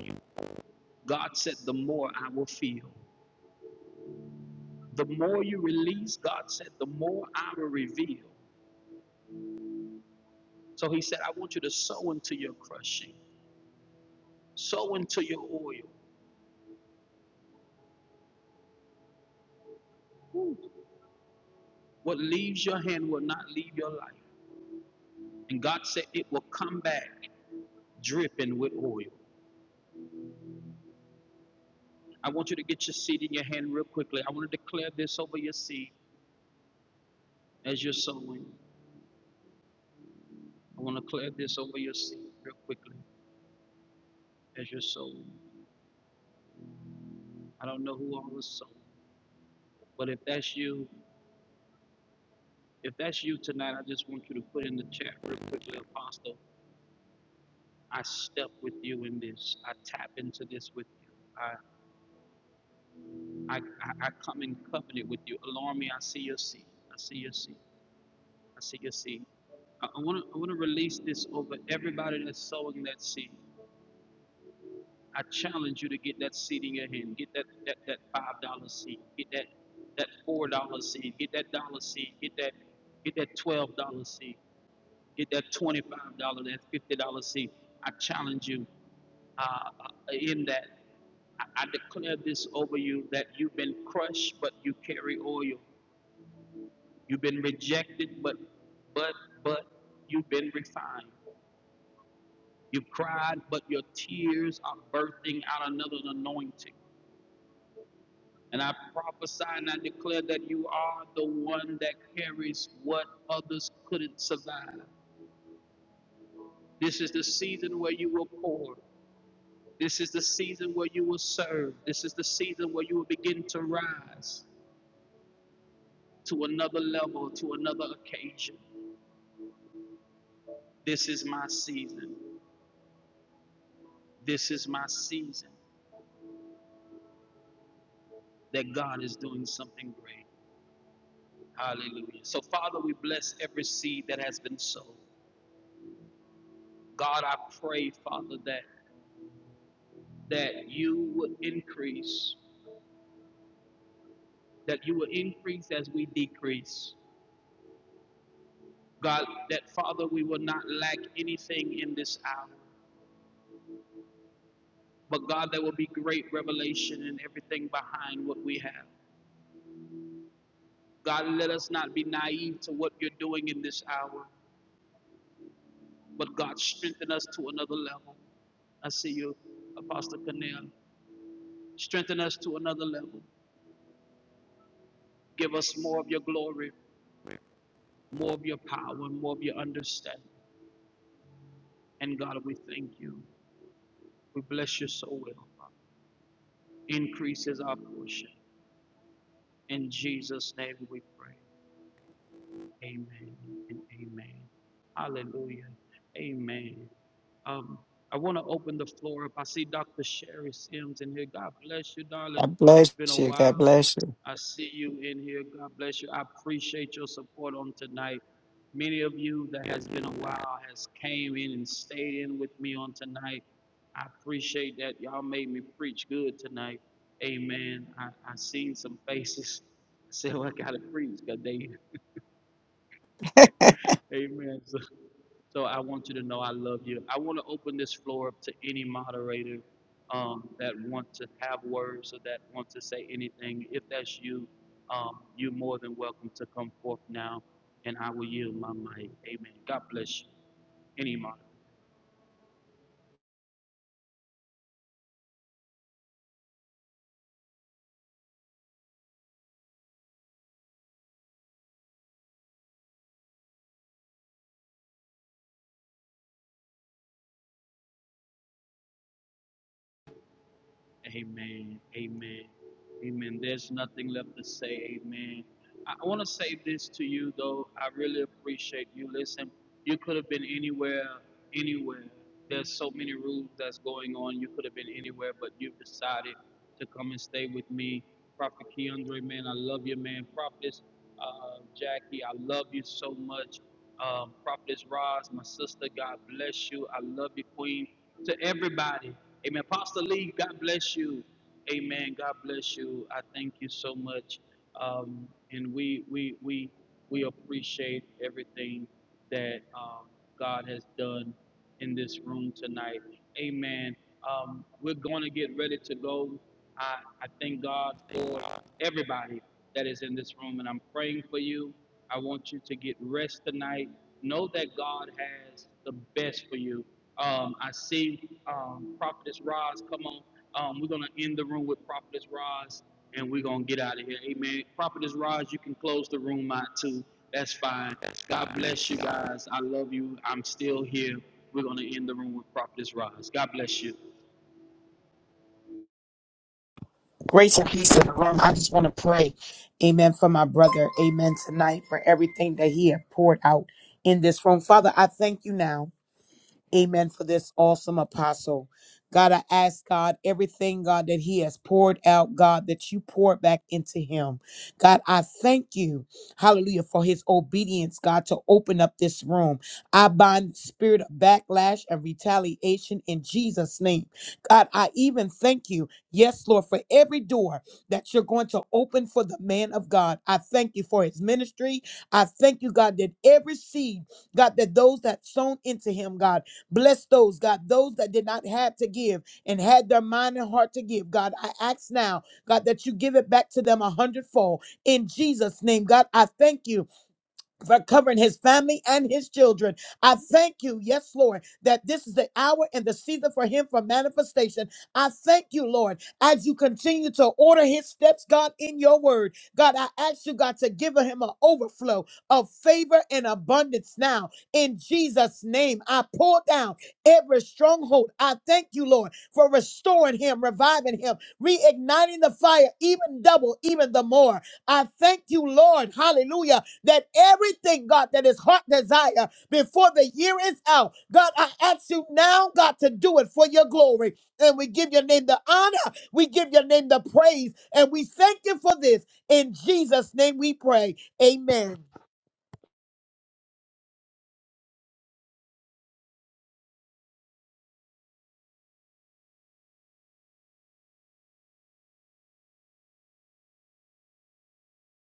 A: God said, the more I will feel. The more you release, God said, the more I will reveal. So he said, I want you to sow into your crushing, sow into your oil. Ooh. What leaves your hand will not leave your life. And God said it will come back dripping with oil. I want you to get your seed in your hand real quickly. I want to declare this over your seed as you're sowing. I want to declare this over your seed real quickly as you're sowing. I don't know who all is sowing, but if that's you, if that's you tonight, I just want you to put in the chat real quickly, Apostle. I step with you in this. I tap into this with you. I I, I, I come in covenant with you. Alarm me. I see your seed. I see your seed. I see your seed. I want to I want to release this over everybody that's sowing that seed. I challenge you to get that seed in your hand. Get that that, that five dollar seed. Get that that four dollar seed. Get that dollar seed. Get that get that twelve dollar seed. Get that twenty five dollar. That fifty dollar seed. I challenge you uh, uh, in that. I, I declare this over you that you've been crushed, but you carry oil. You've been rejected, but but but you've been refined. You've cried, but your tears are birthing out another anointing. And I prophesy and I declare that you are the one that carries what others couldn't survive. This is the season where you will pour. This is the season where you will serve. This is the season where you will begin to rise to another level, to another occasion. This is my season. This is my season that God is doing something great. Hallelujah. So, Father, we bless every seed that has been sown. God, I pray, Father, that that you would increase, that you will increase as we decrease. God, that Father, we will not lack anything in this hour. But God, there will be great revelation in everything behind what we have. God, let us not be naive to what you're doing in this hour. But God, strengthen us to another level. I see you, Apostle Cornell. Strengthen us to another level. Give us more of your glory, more of your power, and more of your understanding. And God, we thank you. We bless you so well. Increase is our portion. In Jesus' name we pray. Amen and amen. Hallelujah. Amen. Um, I want to open the floor up. I see Dr. Sherry Sims in here. God bless you, darling.
O: God bless
A: Been a
O: you. God
A: while.
O: bless you.
A: I see you in here. God bless you. I appreciate your support on tonight. Many of you that has been a while has came in and stayed in with me on tonight. I appreciate that. Y'all made me preach good tonight. Amen. I, I seen some faces. I said, well, I gotta preach because they Amen. So, so I want you to know I love you. I want to open this floor up to any moderator um, that want to have words or that want to say anything. If that's you, um, you're more than welcome to come forth now, and I will yield my mic. Amen. God bless you. Any moderator. Amen. Amen. Amen. There's nothing left to say. Amen. I want to say this to you, though. I really appreciate you. Listen, you could have been anywhere, anywhere. There's so many rules that's going on. You could have been anywhere, but you've decided to come and stay with me. Prophet Keandre, man, I love you, man. Prophetess uh, Jackie, I love you so much. Um, Prophetess Roz, my sister, God bless you. I love you, Queen. To everybody, amen. Pastor Lee, God bless you. Amen. God bless you. I thank you so much um, and we we we we appreciate everything that um, God has done in this room tonight. Amen. Um, we're going to get ready to go. I, I thank God for everybody that is in this room, and I'm praying for you. I want you to get rest tonight. Know that God has the best for you. Um, I see um, Prophetess Roz. Come on. Um, we're going to end the room with Prophetess Roz and we're gonna get out of here. Amen. Prophetess Raj, you can close the room out too. That's fine. God bless you guys. I love you. I'm still here. We're gonna end the room with Prophetess Raj. God bless you.
P: Grace and peace in the room. I just want to pray, amen, for my brother, amen, tonight for everything that he had poured out in this room. Father, I thank you now. Amen. For this awesome apostle. God, I ask God everything, God, that he has poured out, God, that you poured back into him. God, I thank you, hallelujah, for his obedience, God, to open up this room. I bind the spirit of backlash and retaliation in Jesus' name. God, I even thank you, yes, Lord, for every door that you're going to open for the man of God. I thank you for his ministry. I thank you, God, that every seed, God, that those that sown into him, God, Bless those, God, those that did not have to give and had their mind and heart to give. God, I ask now, God, that you give it back to them a hundredfold. In Jesus' name, God, I thank you for covering his family and his children. I thank you, yes, Lord, that this is the hour and the season for him for manifestation. I thank you, Lord, as you continue to order his steps, God, in your word. God, I ask you, God, to give him an overflow of favor and abundance now. In Jesus' name, I pull down every stronghold. I thank you, Lord, for restoring him, reviving him, reigniting the fire, even double, even the more. I thank you, Lord. Hallelujah that everything, God, that is heart desire before the year is out, God, I ask you now, God, to do it for your glory. And we give your name the honor, we give your name the praise, and we thank you for this. In Jesus' name we pray. Amen.